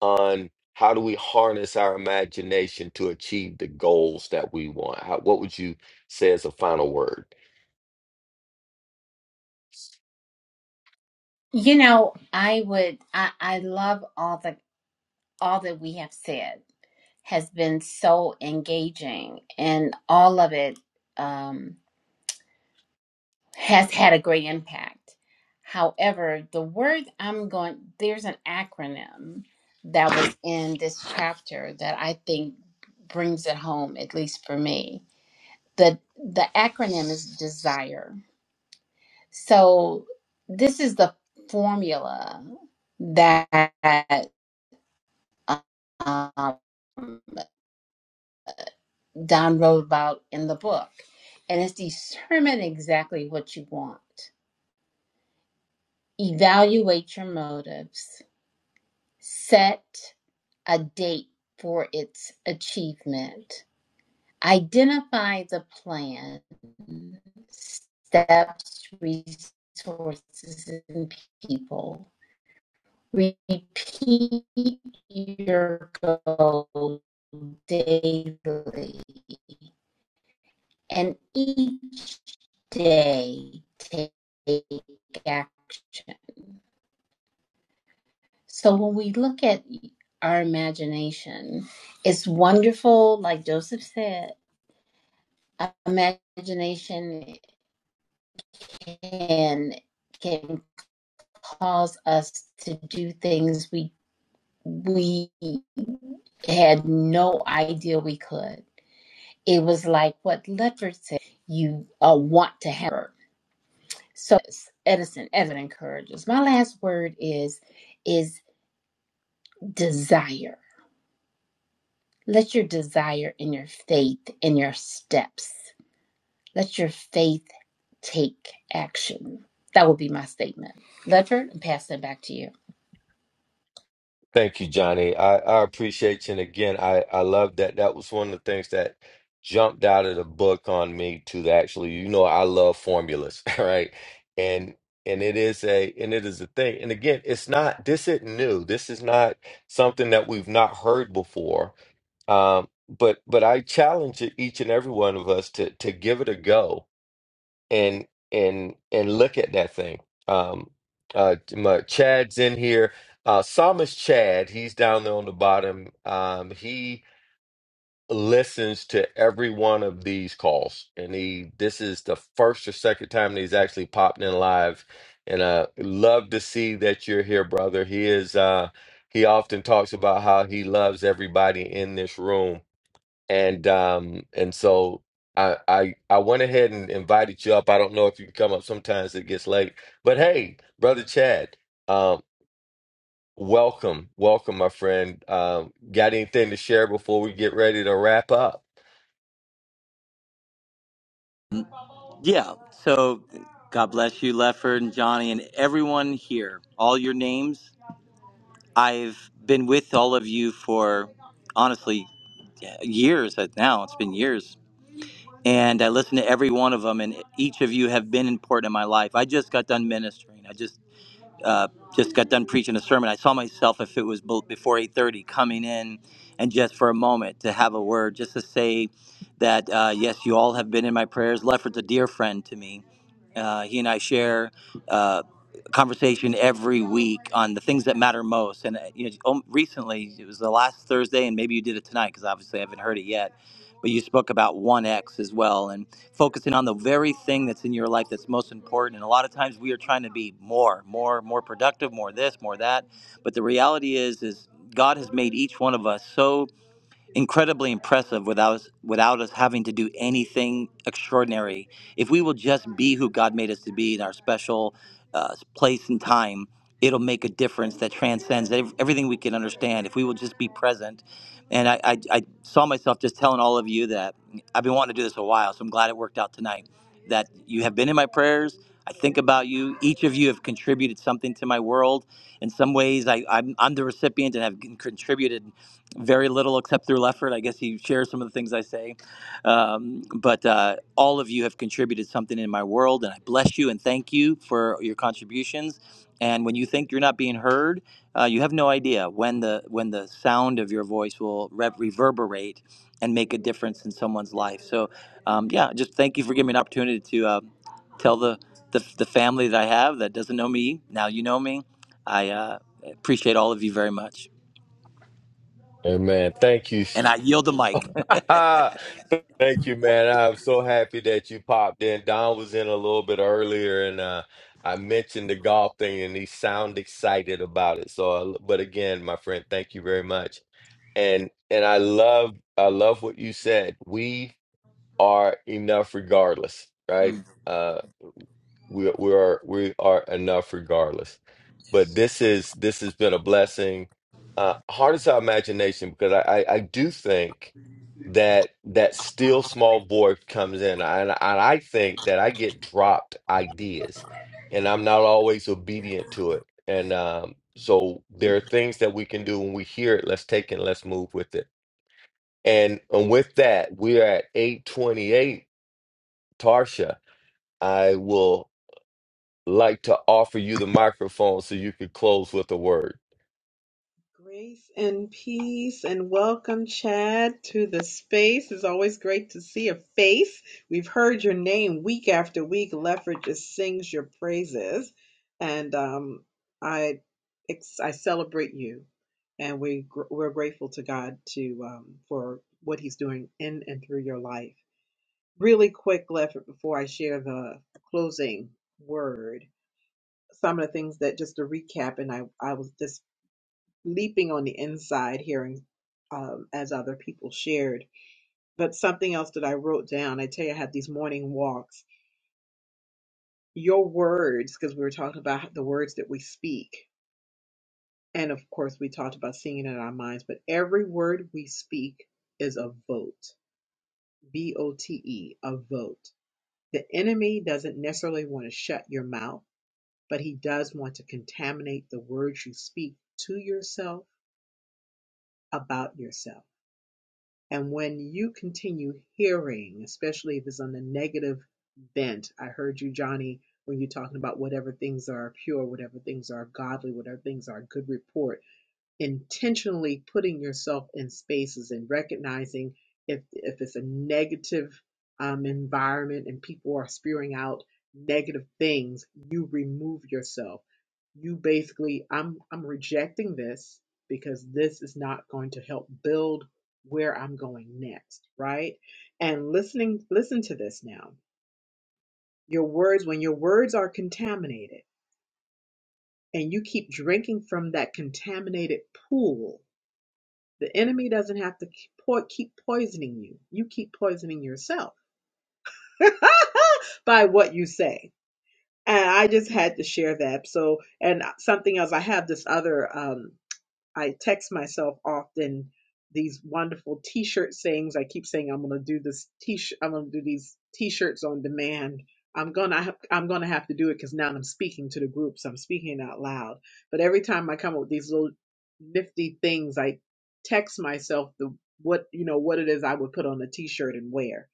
B: on how do we harness our imagination to achieve the goals that we want? How, what would you say as a final word?
C: You know, I would I, I love all the all that we have said has been so engaging and all of it. Um has had a great impact. However, the word I'm going, there's an acronym that was in this chapter that I think brings it home, at least for me. The, the acronym is desire. So, this is the formula that um, Don wrote about in the book. And it's determine exactly what you want, evaluate your motives, Set a date for its achievement. Identify the plan, steps, resources, and people. Repeat your goal daily, and each day take action. So when we look at our imagination, it's wonderful, like Joseph said, imagination can can cause us to do things we we had no idea we could. It was like what Ledford said, you uh, want to have her. So Edison, Edison encourages. My last word is is desire. Let your desire and your faith and your steps. Let your faith take action. That would be my statement. Ledford, I'm passing it back to you.
B: Thank you, Johnny. I, I appreciate you. And again, I, I love that. That was one of the things that jumped out of the book on me to the actually, you know, I love formulas, *laughs* right? And and it is a and it is a thing. And again, it's not this isn't new. This is not something that we've not heard before. Um, but but I challenge each and every one of us to to give it a go and and and look at that thing. Um, uh, my, Chad's in here. Uh, Psalmist Chad, he's down there on the bottom. Um, he listens to every one of these calls, and he this is the first or second time that he's actually popped in live. And uh, love to see that you're here, brother. He is. Uh, he often talks about how he loves everybody in this room and um and so I I I went ahead and invited you up. I don't know if you can come up. Sometimes it gets late, but hey, brother Chad, um, welcome, welcome, my friend. Um, got anything to share before we get ready to wrap up?
I: Yeah. So God bless you, Lefford and Johnny, and everyone here. All your names. I've been with all of you for honestly years uh, now. It's been years. And I listen to every one of them, and each of you have been important in my life. I just got done ministering. I just uh, just got done preaching a sermon. I saw myself, if it was before 8:30, coming in and just for a moment to have a word, just to say that uh, yes, you all have been in my prayers. Lefford's a dear friend to me. Uh, he and I share uh, conversation every week on the things that matter most. And uh, you know, um, recently it was the last Thursday, and maybe you did it tonight because obviously I haven't heard it yet. But you spoke about one X as well, and focusing on the very thing that's in your life that's most important. And a lot of times we are trying to be more, more, more productive, more this, more that. But the reality is, is God has made each one of us so incredibly impressive without us, without us having to do anything extraordinary. If we will just be who God made us to be in our special uh, place and time, it'll make a difference that transcends ev- everything we can understand. If we will just be present, and I, I, I saw myself just telling all of you that I've been wanting to do this a while, so I'm glad it worked out tonight. That you have been in my prayers. I think about you. Each of you have contributed something to my world. In some ways, I, I'm, I'm the recipient and have contributed very little except through Leffert. I guess he shares some of the things I say. Um, but uh, all of you have contributed something in my world, and I bless you and thank you for your contributions. And when you think you're not being heard, uh, you have no idea when the when the sound of your voice will re- reverberate and make a difference in someone's life. So, um, yeah, just thank you for giving me an opportunity to uh, tell the, the the family that I have that doesn't know me now. You know me. I uh, appreciate all of you very much,
B: Hey, man, thank you.
I: and I yield the mic. *laughs*
B: *laughs* Thank you, man. I'm so happy that you popped in. Don was in a little bit earlier, and uh, I mentioned the golf thing, and he sound excited about it. So, uh, but again, my friend, thank you very much. and and I love I love what you said. We are enough regardless,
I: Mm.
B: right? Uh we we are we are enough regardless. But this is this has been a blessing. Uh hardest our imagination because I, I I do think that that still small boy comes in and I, and I think that I get dropped ideas and I'm not always obedient to it. And um so there are things that we can do when we hear it, let's take it, let's move with it and, and with that, we are at 828. Tarsha, I will like to offer you the microphone so you could close with a word.
E: Grace and peace, and welcome, Chad, to the space. It's always great to see a face. We've heard your name week after week. Lefford just sings your praises, and um, I ex- I celebrate you, and we gr- we're grateful to God to um, for what He's doing in and through your life. Really quick, Lefford, before I share the closing word, some of the things that just to recap, and I I was dismissed leaping on the inside hearing um, as other people shared. But something else that I wrote down, I tell you, I had these morning walks. Your words, because we were talking about the words that we speak. And of course, we talked about singing in our minds, but every word we speak is a vote. V O T E, a vote. The enemy doesn't necessarily want to shut your mouth, but he does want to contaminate the words you speak to yourself about yourself And when you continue hearing, especially if it's on the negative bent, I heard you, Johnny, when you're talking about whatever things are pure, whatever things are godly, whatever things are good report intentionally putting yourself in spaces and recognizing if if it's a negative um, environment and people are spewing out negative things, you remove yourself. You basically, I'm I'm rejecting this because this is not going to help build where I'm going next, right? And listening, listen to this now. Your words, when your words are contaminated and you keep drinking from that contaminated pool, The enemy doesn't have to keep poisoning you. You keep poisoning yourself *laughs* by what you say. And I just had to share that. So, and something else, I have this other. um, I text myself often these wonderful t-shirt sayings. I keep saying I'm going to do this t-shirt. I'm going to do these t-shirts on demand. I'm going to, I'm going to have to do it because now I'm speaking to the groups. I'm speaking out loud. But every time I come up with these little nifty things, I text myself the, what, you know, what it is I would put on a t-shirt and wear.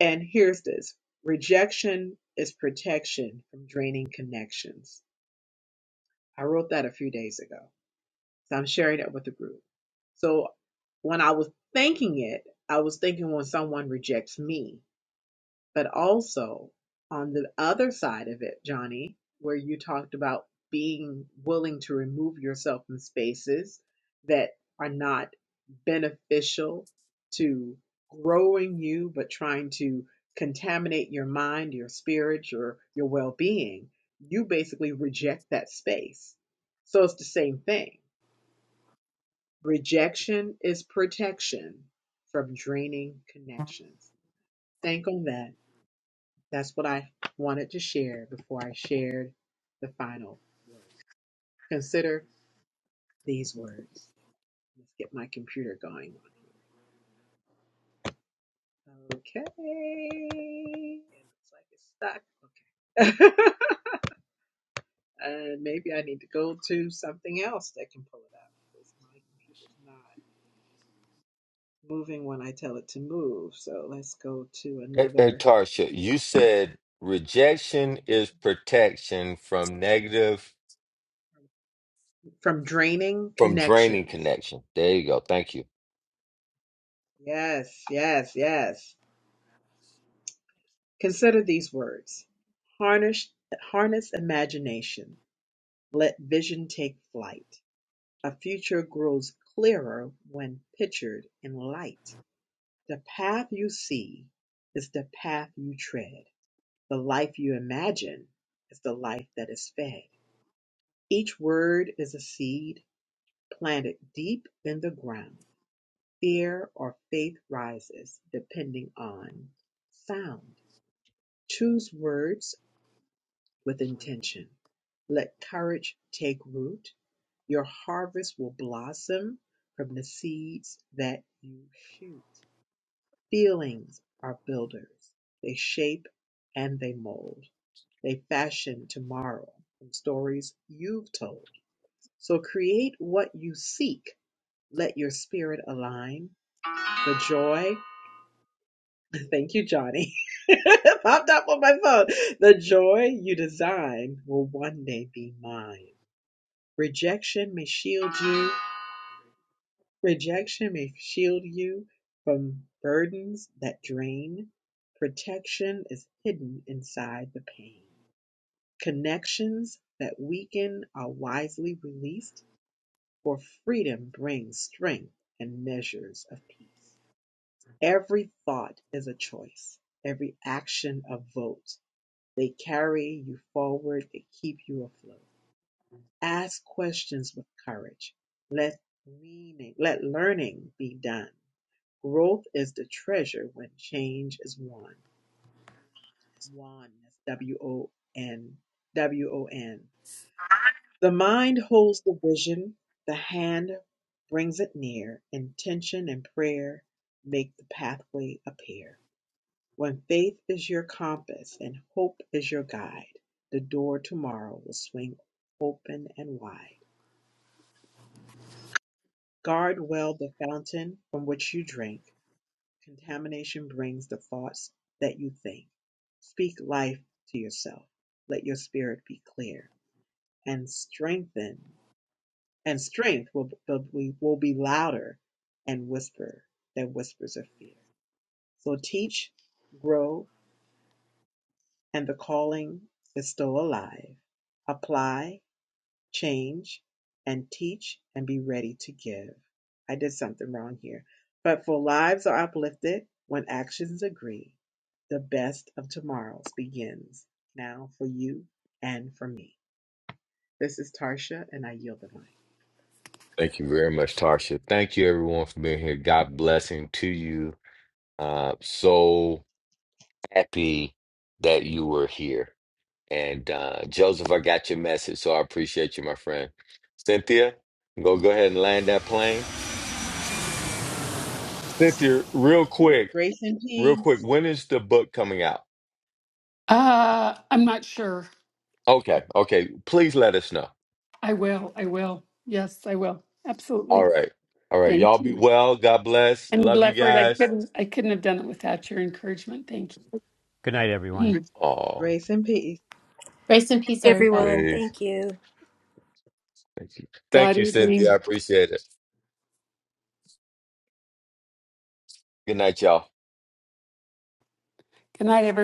E: And here's this rejection is protection from draining connections. I wrote that a few days ago so I'm sharing that with the group. So when I was thinking it, I was thinking when someone rejects me, but also on the other side of it, Johnny, where you talked about being willing to remove yourself from spaces that are not beneficial to growing you, but trying to contaminate your mind, your spirit, your your well-being, you basically reject that space. So it's the same thing Rejection is protection from draining connections. Think on that. That's what I wanted to share before I shared the final word. Consider these words. Let's get my computer going on here. Okay. It looks like it's stuck. Okay. *laughs* uh, maybe I need to go to something else that can pull it up because my computer's not moving when I tell it to move. So let's go to
B: And, and
E: another.
B: Tarsha, you said rejection is protection from negative,
E: from draining
B: from draining
E: connections.
B: connection. There you go. Thank you.
E: Yes, yes, yes. Consider these words. Harness harness imagination. Let vision take flight. A future grows clearer when pictured in light. The path you see is the path you tread. The life you imagine is the life that is fed. Each word is a seed planted deep in the ground. Fear or faith rises depending on sound. Choose words with intention. Let courage take root. Your harvest will blossom from the seeds that you shoot. Feelings are builders. They shape and they mold. They fashion tomorrow from stories you've told. So create what you seek. Let your spirit align. The joy Thank you, Johnny. *laughs* Popped up on my phone. The joy you design will one day be mine. Rejection may shield you. Rejection may shield you from burdens that drain. Protection is hidden inside the pain. Connections that weaken are wisely released, for freedom brings strength and measures of peace. Every thought is a choice, every action a vote They carry you forward, they keep you afloat. Ask questions with courage. Let meaning, let learning be done. Growth is the treasure when change is won. Won, that's W O N, W O N. The mind holds the vision, the hand brings it near. Intention and prayer make the pathway appear. When faith is your compass and hope is your guide, the door tomorrow will swing open and wide. Guard well the fountain from which you drink. Contamination brings the thoughts that you think. Speak life to yourself. Let your spirit be clear and strengthen. And strength will, will, be- will be louder and whisper than whispers of fear. So teach, grow, and the calling is still alive. Apply, change, and teach and be ready to give. I did something wrong here. But for lives are uplifted when actions agree. The best of tomorrows begins now for you and for me. This is Tarsha, and I yield the mic.
B: Thank you very much, Tarsha. Thank you, everyone, for being here. God blessing to you. Uh, so happy that you were here. And uh, Joseph, I got your message, so I appreciate you, my friend. Cynthia, go go ahead and land that plane. Cynthia, real
E: All right.
B: quick,
E: Grace and
B: real quick,
E: peace.
B: when is the book coming out?
A: Uh, I'm not sure.
B: Okay, okay. Please let us know.
A: I will. I will. Yes, I will.
B: All
A: Absolutely.
B: right. All right. Y'all
A: Thank
B: be
A: you.
B: well. God bless.
A: And
B: Love you
A: Lefford, I
B: guys.
A: couldn't, I couldn't have done it without your encouragement. Thank you.
H: Good night, everyone.
A: Mm.
B: Oh,
E: Grace and peace.
C: Grace and peace, everybody.
G: Everyone,
B: please.
G: thank you.
B: Thank you. Thank
A: God
B: you, Cynthia. I
A: evening.
B: appreciate it. Good night, y'all.
A: Good night, everyone.